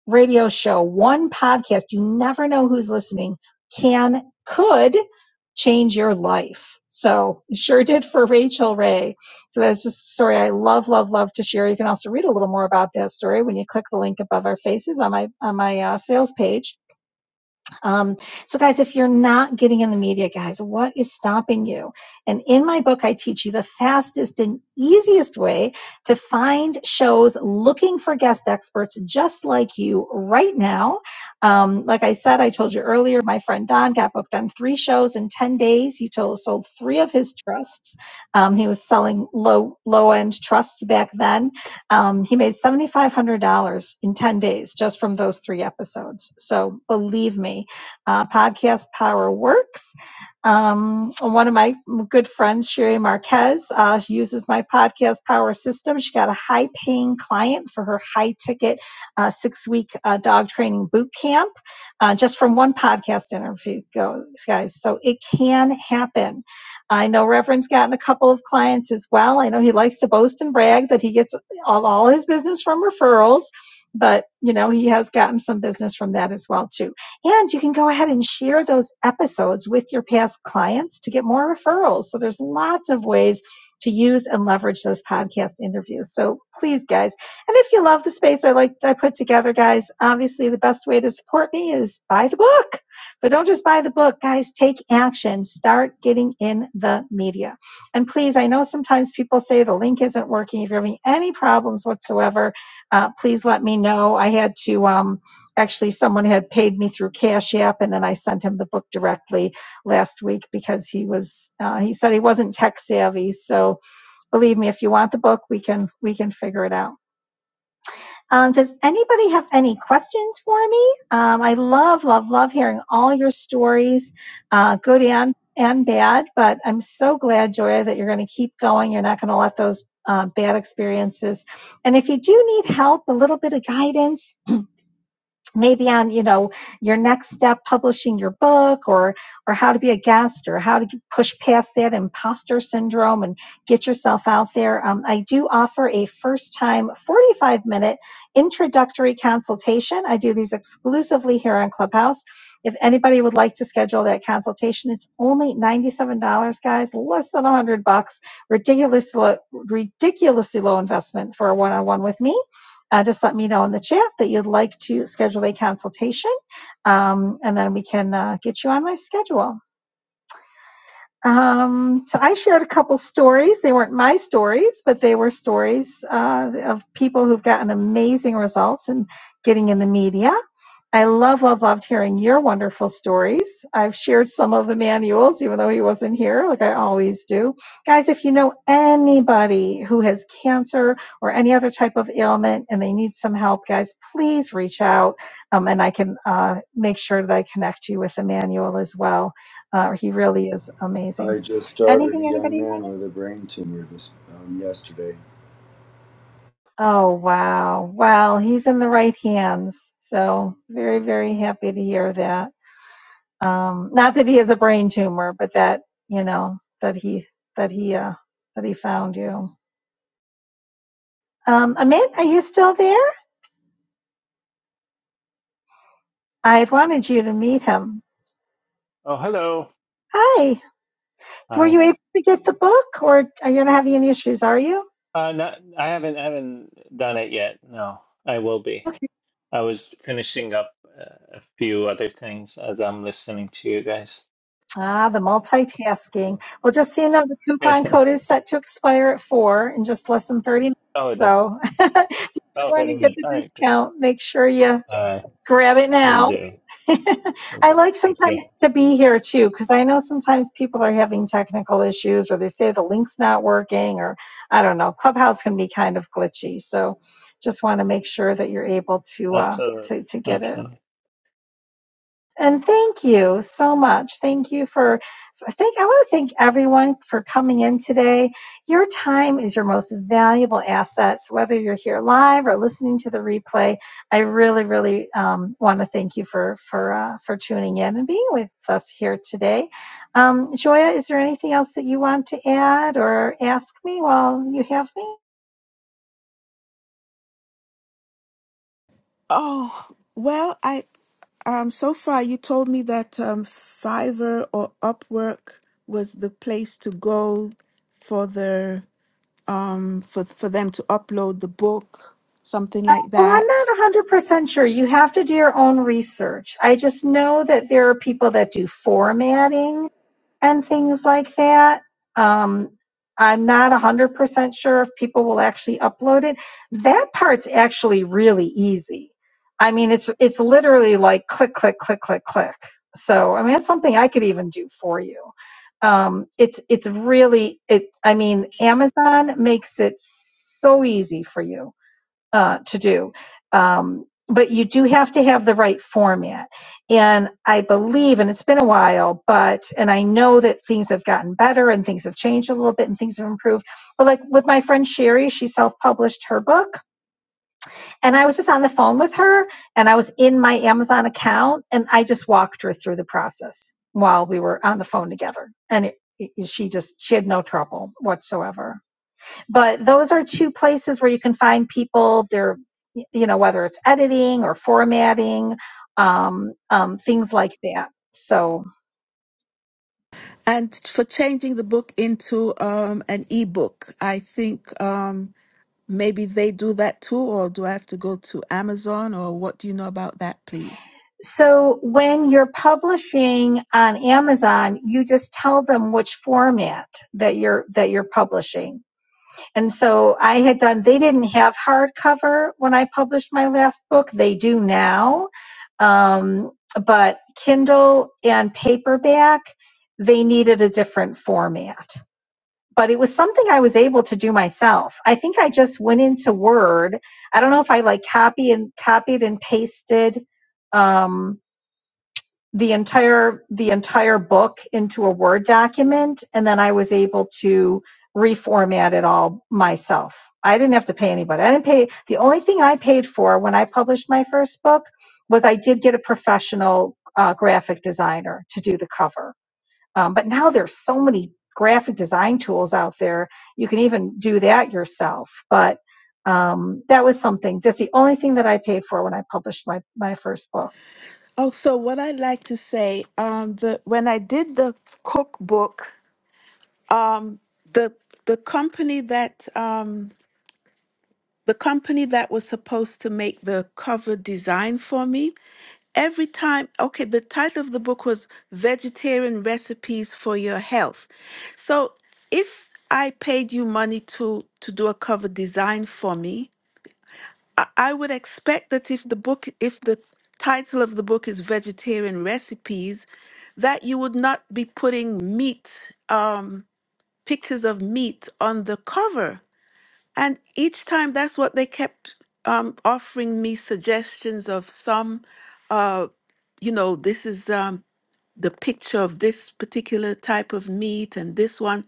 Speaker 1: radio show, one podcast, you never know who's listening, can, could change your life. So sure did for Rachel Ray. So that's just a story I love, love, love to share. You can also read a little more about that story when you click the link above our faces on my on my uh, sales page. Um, so, guys, if you're not getting in the media, guys, what is stopping you? And in my book, I teach you the fastest and easiest way to find shows looking for guest experts just like you right now. Um, like I said, I told you earlier, my friend Don got booked on three shows in 10 days. He told, sold three of his trusts. Um, he was selling low, low end trusts back then. Um, he made $7,500 in 10 days just from those three episodes. So believe me, uh, Podcast Power Works. Um, one of my good friends, Sherry Marquez, uh, she uses my podcast power system. She got a high paying client for her high ticket uh, six week uh, dog training boot camp uh, just from one podcast interview, guys. So it can happen. I know Reverend's gotten a couple of clients as well. I know he likes to boast and brag that he gets all, all his business from referrals. But you know he has gotten some business from that as well too. And you can go ahead and share those episodes with your past clients to get more referrals. So there's lots of ways to use and leverage those podcast interviews. So please, guys, and if you love the space I like I put together, guys, obviously the best way to support me is buy the book. But don't just buy the book, guys. Take action. Start getting in the media. And please, I know sometimes people say the link isn't working. If you're having any problems whatsoever, uh, please let me know. I had to. Um, actually someone had paid me through Cash App and then I sent him the book directly last week because he was uh, he said he wasn't tech savvy. So believe me, if you want the book, we can we can figure it out. Um, does anybody have any questions for me? Um, I love, love, love hearing all your stories, uh, good and and bad. But I'm so glad, Joya, that you're going to keep going. You're not going to let those uh, bad experiences. And if you do need help, a little bit of guidance, maybe on you know your next step publishing your book or or how to be a guest or how to push past that imposter syndrome and get yourself out there um, i do offer a first time 45 minute introductory consultation i do these exclusively here on clubhouse if anybody would like to schedule that consultation it's only $97 guys less than 100 bucks ridiculous ridiculously low investment for a one-on-one with me uh, just let me know in the chat that you'd like to schedule a consultation, um, and then we can uh, get you on my schedule. Um, so I shared a couple stories. They weren't my stories, but they were stories uh, of people who've gotten amazing results in getting in the media. I love, love, loved hearing your wonderful stories. I've shared some of Emmanuel's, even though he wasn't here, like I always do. Guys, if you know anybody who has cancer or any other type of ailment and they need some help, guys, please reach out um, and I can uh, make sure that I connect you with Emmanuel as well. Uh, he really is amazing.
Speaker 9: I just started a
Speaker 1: Anything
Speaker 9: young
Speaker 1: anybody
Speaker 9: man
Speaker 1: wanted?
Speaker 9: with a brain tumor this um, yesterday,
Speaker 1: Oh, wow. Well, he's in the right hands. So, very, very happy to hear that. Um, not that he has a brain tumor, but that you know that he that he uh, that he found you. Um, Amit, are you still there? I wanted you to meet him.
Speaker 7: Oh, hello.
Speaker 1: Hi. Were
Speaker 7: Hi.
Speaker 1: you able to get the book, or are you not having any issues? Are you?
Speaker 7: Uh, not, I haven't haven't done it yet. No, I will be.
Speaker 1: Okay.
Speaker 7: I was finishing up uh, a few other things as I'm listening to you guys.
Speaker 1: Ah, the
Speaker 7: oh,
Speaker 1: multitasking. Well, just so you know, the coupon code is set to expire at four in just less than thirty minutes.
Speaker 7: the,
Speaker 1: So, if you
Speaker 7: oh,
Speaker 1: want
Speaker 7: wait
Speaker 1: to
Speaker 7: a
Speaker 1: get
Speaker 7: minute.
Speaker 1: the
Speaker 7: All right, good.
Speaker 1: discount, make sure you
Speaker 7: All right,
Speaker 1: grab it
Speaker 7: we'll
Speaker 1: now.
Speaker 7: do. We'll
Speaker 1: I
Speaker 7: do.
Speaker 1: like
Speaker 7: Thank you.
Speaker 1: sometimes to be here too, because I know sometimes people are having technical issues or they say the link's not working or I don't know. Clubhouse can be kind of glitchy. So just want to make sure that you're able to uh
Speaker 7: Absolutely.
Speaker 1: to, to get it.
Speaker 7: Absolutely.
Speaker 1: And thank you so much. Thank you for thank I want to thank everyone for coming in today. Your time is your most valuable asset. So whether you're here live or listening to the replay, I really, really um, want to thank you for for uh, for tuning in and being with us here today. Um, Joya, is there anything else that you want to add or ask me while you have me?
Speaker 8: Oh, well, I um so far you told me that um Fiverr or Upwork was the place to go for their um for for them to upload the book, something
Speaker 1: Uh,
Speaker 8: like
Speaker 1: Well, I'm not
Speaker 8: that.
Speaker 1: 100% sure. You have to do your own research. I just know that there are people that do formatting and things like that. Um, I'm not 100% sure if people will actually upload it. That part's actually really easy. I mean, it's it's literally like click, click, click, click, click. So, I mean, it's something I could even do for you. Um, it's it's really it. I mean, Amazon makes it so easy for you uh, to do. Um, but you do have to have the right format. And I believe, and it's been a while, but, and I know that things have gotten better and things have changed a little bit and things have improved. But like with my friend Sherry, she self published her book. And I was just on the phone with her and I was in my Amazon account and I just walked her through the process while we were on the phone together. And it, it- she just, she had no trouble whatsoever but those are two places where you can find people they're you know whether it's editing or formatting um, um, things like that so
Speaker 8: And for changing the book into um an ebook, I think um, Maybe they do that too, or do I have to go to Amazon, or what do you know about that, please?
Speaker 1: so when you're publishing on amazon you just tell them which format that you're that you're publishing and so i had done they didn't have hardcover when i published my last book they do now um, but kindle and paperback they needed a different format but it was something I was able to do myself. I think I just went into Word. I don't know if I like copy and copied and pasted um, the entire the entire book into a Word document, and then I was able to reformat it all myself. I didn't have to pay anybody. I didn't pay. The only thing I paid for when I published my first book was I did get a professional uh, graphic designer to do the cover um, but now there's so many graphic design tools out there. You can even do that yourself. But um, that was something. That's the only thing that I paid for when I published my my first book.
Speaker 8: Oh, so what I'd like to say, um, the when I did the cookbook, um, the the company that um, the company that was supposed to make the cover design for me, every time okay the title of the book was vegetarian recipes for your health so if i paid you money to to do a cover design for me I I would expect that if the book, if the title of the book is vegetarian recipes, that you would not be putting meat, um, pictures of meat on the cover. And each time, that's what they kept um, offering me suggestions of some, uh, you know, this is um, the picture of this particular type of meat and this one.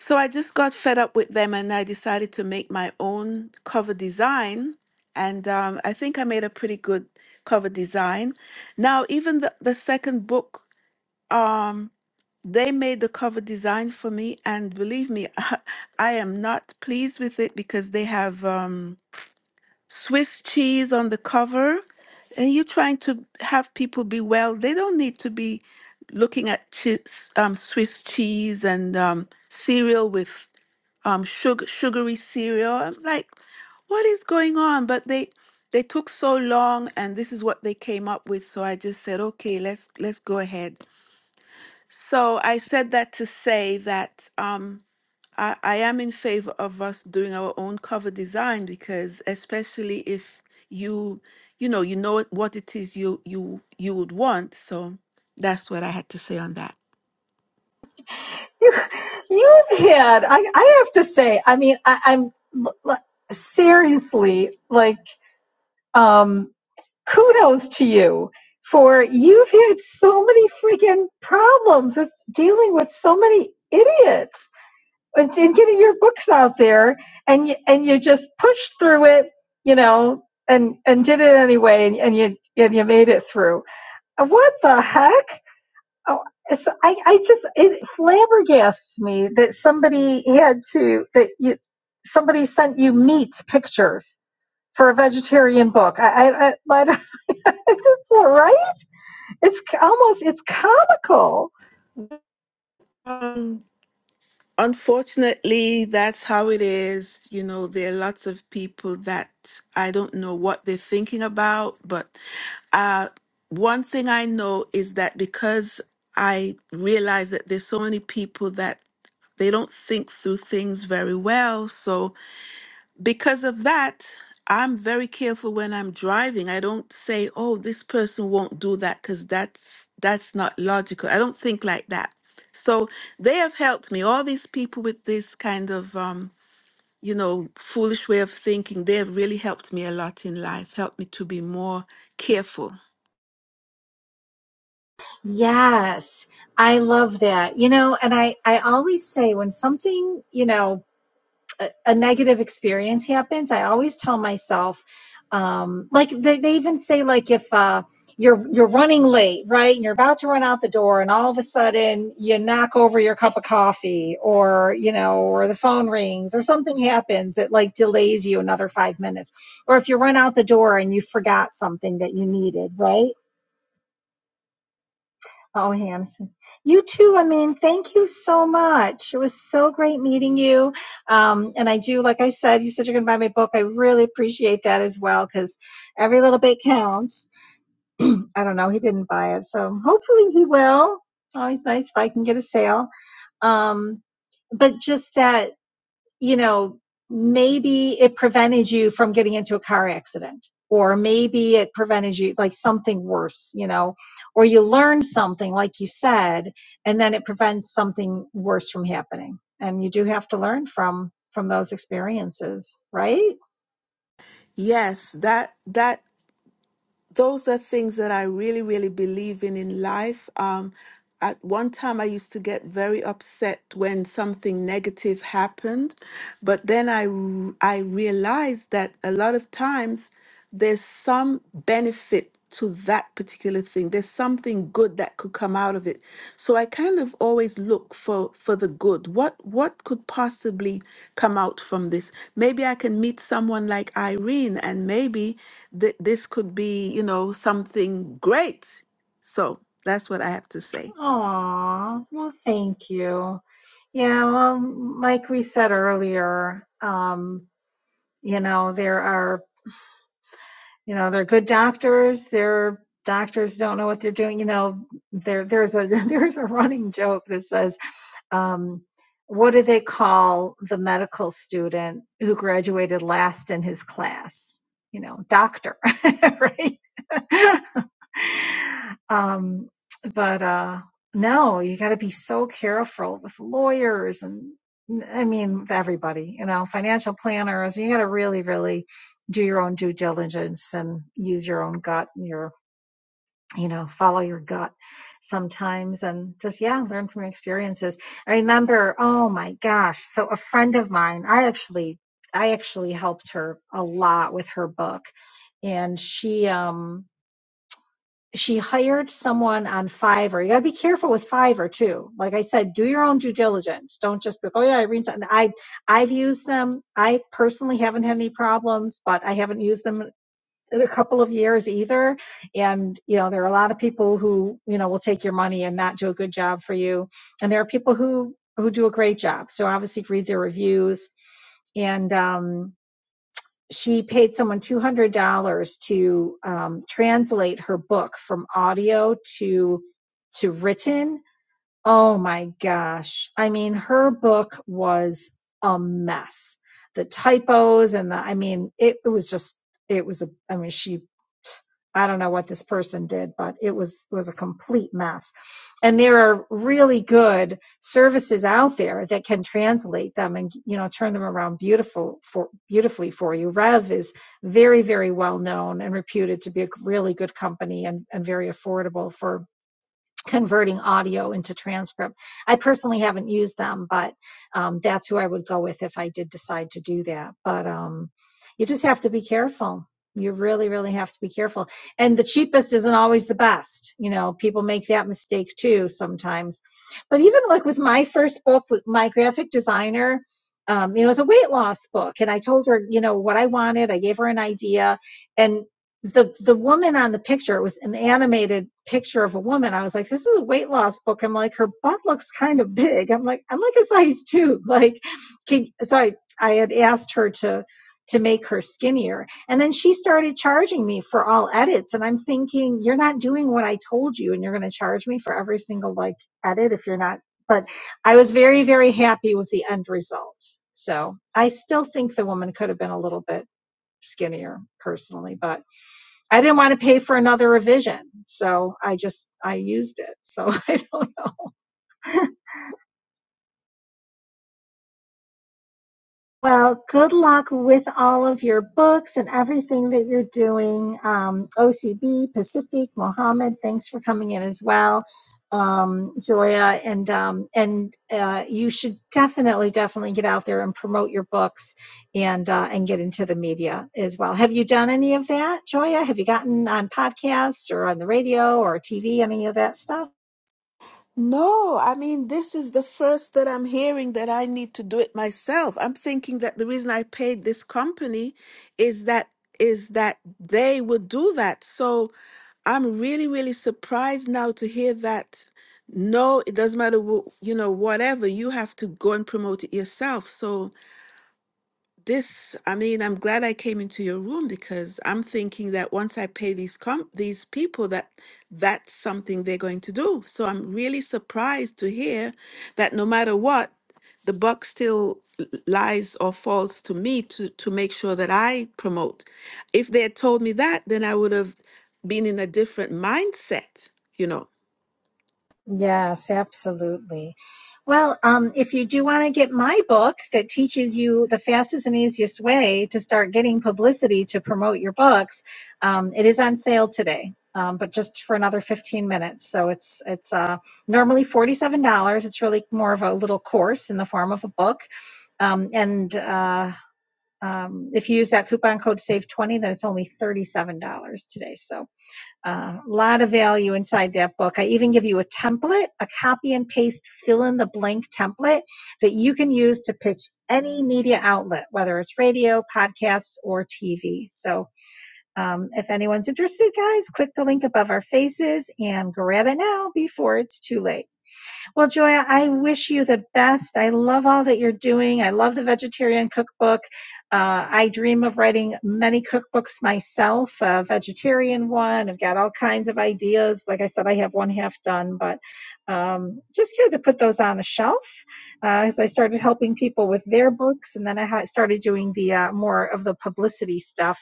Speaker 8: So I just got fed up with them and I decided to make my own cover design. And um, I think I made a pretty good cover design. Now, even the, the second book, um, they made the cover design for me. And believe me, I am not pleased with it because they have um, Swiss cheese on the cover. And you're trying to have people be well, they don't need to be looking at cheese, um, Swiss cheese and um, cereal with um sugar sugary cereal. I'm like, what is going on? But they they took so long and this is what they came up with. So I just said, okay, let's let's go ahead. So I said that to say that um I, I am in favor of us doing our own cover design because especially if you you know you know what what it is you you you would want. So that's what I had to say on
Speaker 1: You, you've had. I, I have to say. I mean, I, I'm l- l- seriously like um, kudos to you for you've had so many freaking problems with dealing with so many idiots and, getting your books out there and you, and you just pushed through it you know and and did it anyway and, and you and you made it through what the heck oh, it's, I, I just it flabbergasts me that somebody had to that you somebody sent you meat pictures for a vegetarian book i i, I, I don't- it's right it's almost it's comical
Speaker 8: that. Unfortunately, that's how it is. You know, there are lots of people that I don't know what they're thinking about, but uh, one thing I know is that because I realize that there's so many people that they don't think through things very well, so because of that, I'm very careful when I'm driving. I don't say, "Oh, this person won't do that," because that's that's not logical. I don't think like that. So they have helped me. All these people with this kind of, um, you know, foolish way of thinking, they have really helped me a lot in life. Helped me to be more careful.
Speaker 1: Yes, I love that. You know, and I I always say when something, you know, a, a negative experience happens, I always tell myself um like they, they even say like if uh you're you're running late, right? And you're about to run out the door and all of a sudden you knock over your cup of coffee or, you know, or the phone rings or something happens that like delays you another 5 minutes. Or if you run out the door and you forgot something that you needed, right? Oh, Hamson. You too. I mean, thank you so much. It was so great meeting you. Um, and I do, like I said, you said you're going to buy my book. I really appreciate that as well because every little bit counts. I don't know. He didn't buy it. So hopefully he will. Always nice if I can get a sale. Um, but just that you know, maybe it prevented you from getting into a car accident, or maybe it prevented you like something worse, you know, or you learned something, like you said, and then it prevents something worse from happening. And you do have to learn from from those experiences, right?
Speaker 8: Yes, that that those are things that I really, really believe in in life. Um, at one time, I used to get very upset when something negative happened, but then I r- I realized that a lot of times there's some benefit to that particular thing. There's something good that could come out of it. So I kind of always look for for the good. What what could possibly come out from this? Maybe I can meet someone like Irene, and maybe th- this could be, you know, something great. So that's what I have to say.
Speaker 1: Aw, well, thank you. Yeah, well, like we said earlier, um, you know, there are you know they're good doctors their doctors don't know what they're doing you know there there's a there's a running joke that says um, what do they call the medical student who graduated last in his class you know doctor right um, but uh, no, you got to be so careful with lawyers and I mean everybody, you know, financial planners. You got to really, really do your own due diligence and use your own gut and your you know follow your gut sometimes and just yeah learn from your experiences i remember oh my gosh so a friend of mine i actually i actually helped her a lot with her book and she um she hired someone on Fiverr. You got to be careful with Fiverr too. Like I said, do your own due diligence. Don't just be, like, oh yeah, Irene's. And I, I've used them. I personally haven't had any problems, but I haven't used them in a couple of years either. And you know, there are a lot of people who you know will take your money and not do a good job for you, and there are people who who do a great job. So obviously, read their reviews and um she paid someone two hundred dollars to um, translate her book from audio to to written Oh my gosh. I mean, her book was a mess. The typos and the, I mean, it, it was just, it was a, I mean, she, I don't know what this person did, but it was, it was a complete mess. And there are really good services out there that can translate them and, you know, turn them around beautiful for, beautifully for you. Rev is very, very well known and reputed to be a really good company and, and very affordable for converting audio into transcript. I personally haven't used them, but um, that's who I would go with if I did decide to do that. But um, you just have to be careful. You really, really have to be careful. And the cheapest isn't always the best. You know, people make that mistake too sometimes. But even like with my first book, with my graphic designer, um, you know, it was a weight loss book. And I told her, you know, what I wanted. I gave her an idea. and the the woman on the picture it was an animated picture of a woman i was like this is a weight loss book i'm like her butt looks kind of big i'm like i'm like a size two like can so i i had asked her to to make her skinnier and then she started charging me for all edits and i'm thinking you're not doing what i told you and you're going to charge me for every single like edit if you're not but i was very very happy with the end result so i still think the woman could have been a little bit skinnier personally but I didn't want to pay for another revision, so I just I used it. So I don't know. Well, good luck with all of your books and everything that you're doing. Um, OCB, Pacific, Mohammed, thanks for coming in as well. Um, Zoya and um, and uh, you should definitely definitely get out there and promote your books and uh, and get into the media as well. Have you done any of that, Joya? Have you gotten on podcasts or on the radio or TV, any of that stuff?
Speaker 8: No, I mean, this is the first that I'm hearing that I need to do it myself. I'm thinking that the reason I paid this company is that is that they would do that. So I'm really, really surprised now to hear that. No, it doesn't matter, wh- you know, whatever, you have to go and promote it yourself. So, this i mean i'm glad i came into your room because i'm thinking that once i pay these com these people that that's something they're going to do so i'm really surprised to hear that no matter what the buck still l- lies or falls to me to to make sure that i promote if they had told me that then i would have been in a different mindset you know
Speaker 1: Yes, absolutely. Well, um, if you do want to get my book that teaches you the fastest and easiest way to start getting publicity to promote your books, um, it is on sale today, um, but just for another 15 minutes. So it's it's uh, normally $47. It's really more of a little course in the form of a book. Um, and uh, um, if you use that coupon code SAVE20, then it's only $37 today. So a uh, lot of value inside that book. I even give you a template, a copy and paste fill in the blank template that you can use to pitch any media outlet, whether it's radio, podcasts, or TV. So um, if anyone's interested, guys, click the link above our faces and grab it now before it's too late. Well, Joya, I wish you the best. I love all that you're doing. I love the vegetarian cookbook. Uh, I dream of writing many cookbooks myself, a vegetarian one. I've got all kinds of ideas. Like I said, I have one half done, but um, just had to put those on a shelf uh, as I started helping people with their books. And then I ha- started doing the uh, more of the publicity stuff.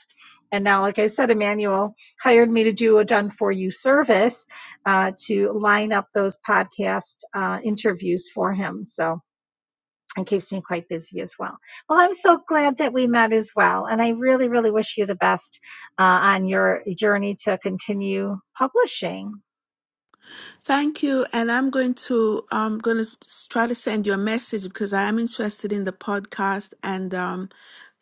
Speaker 1: And now, like I said, Emmanuel hired me to do a done for you service uh, to line up those podcast uh, interviews for him. So it keeps me quite busy as well. Well, I'm so glad that we met as well. And I really, really wish you the best uh, on your journey to continue publishing.
Speaker 8: Thank you, and I'm going to I'm going to try to send you a message because I am interested in the podcast, and um,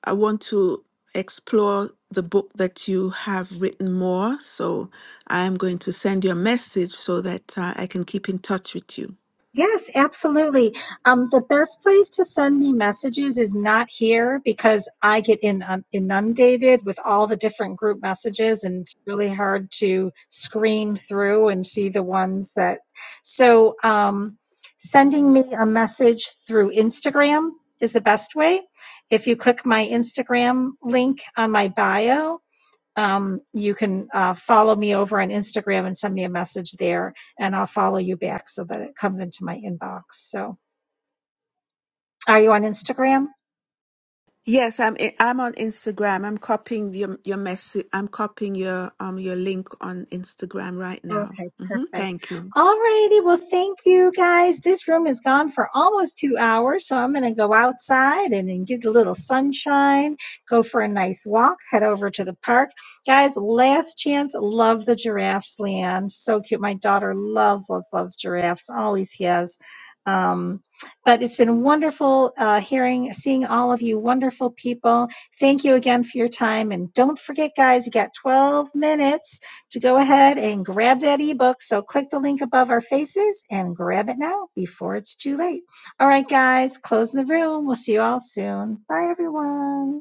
Speaker 8: I want to explore the book that you have written more. So I'm going to send you a message so that uh, I can keep in touch with you.
Speaker 1: Yes, absolutely. Um, the best place to send me messages is not here because I get in, um, inundated with all the different group messages, and it's really hard to screen through and see the ones that. So, um, sending me a message through Instagram is the best way. If you click my Instagram link on my bio, um, you can uh, follow me over on Instagram and send me a message there, and I'll follow you back so that it comes into my inbox. So, are you on Instagram?
Speaker 8: Yes, I'm i- I'm on Instagram. I'm copying your your message. I'm copying your um your link on Instagram right now.
Speaker 1: Okay,
Speaker 8: hmm
Speaker 1: perfect.
Speaker 8: Thank you.
Speaker 1: Alrighty, well, thank you guys. This room is gone for almost two hours, so I'm gonna go outside and then get a little sunshine, go for a nice walk, head over to the park. Guys, last chance, love the giraffes, Leanne. So cute. My daughter loves, loves, loves giraffes, always has. Um, but it's been wonderful uh, hearing, seeing all of you wonderful people. Thank you again for your time. And don't forget, guys, you got 12 minutes to go ahead and grab that ebook. So click the link above our faces and grab it now before it's too late. All right, guys, closing the room. We'll see you all soon. Bye, everyone.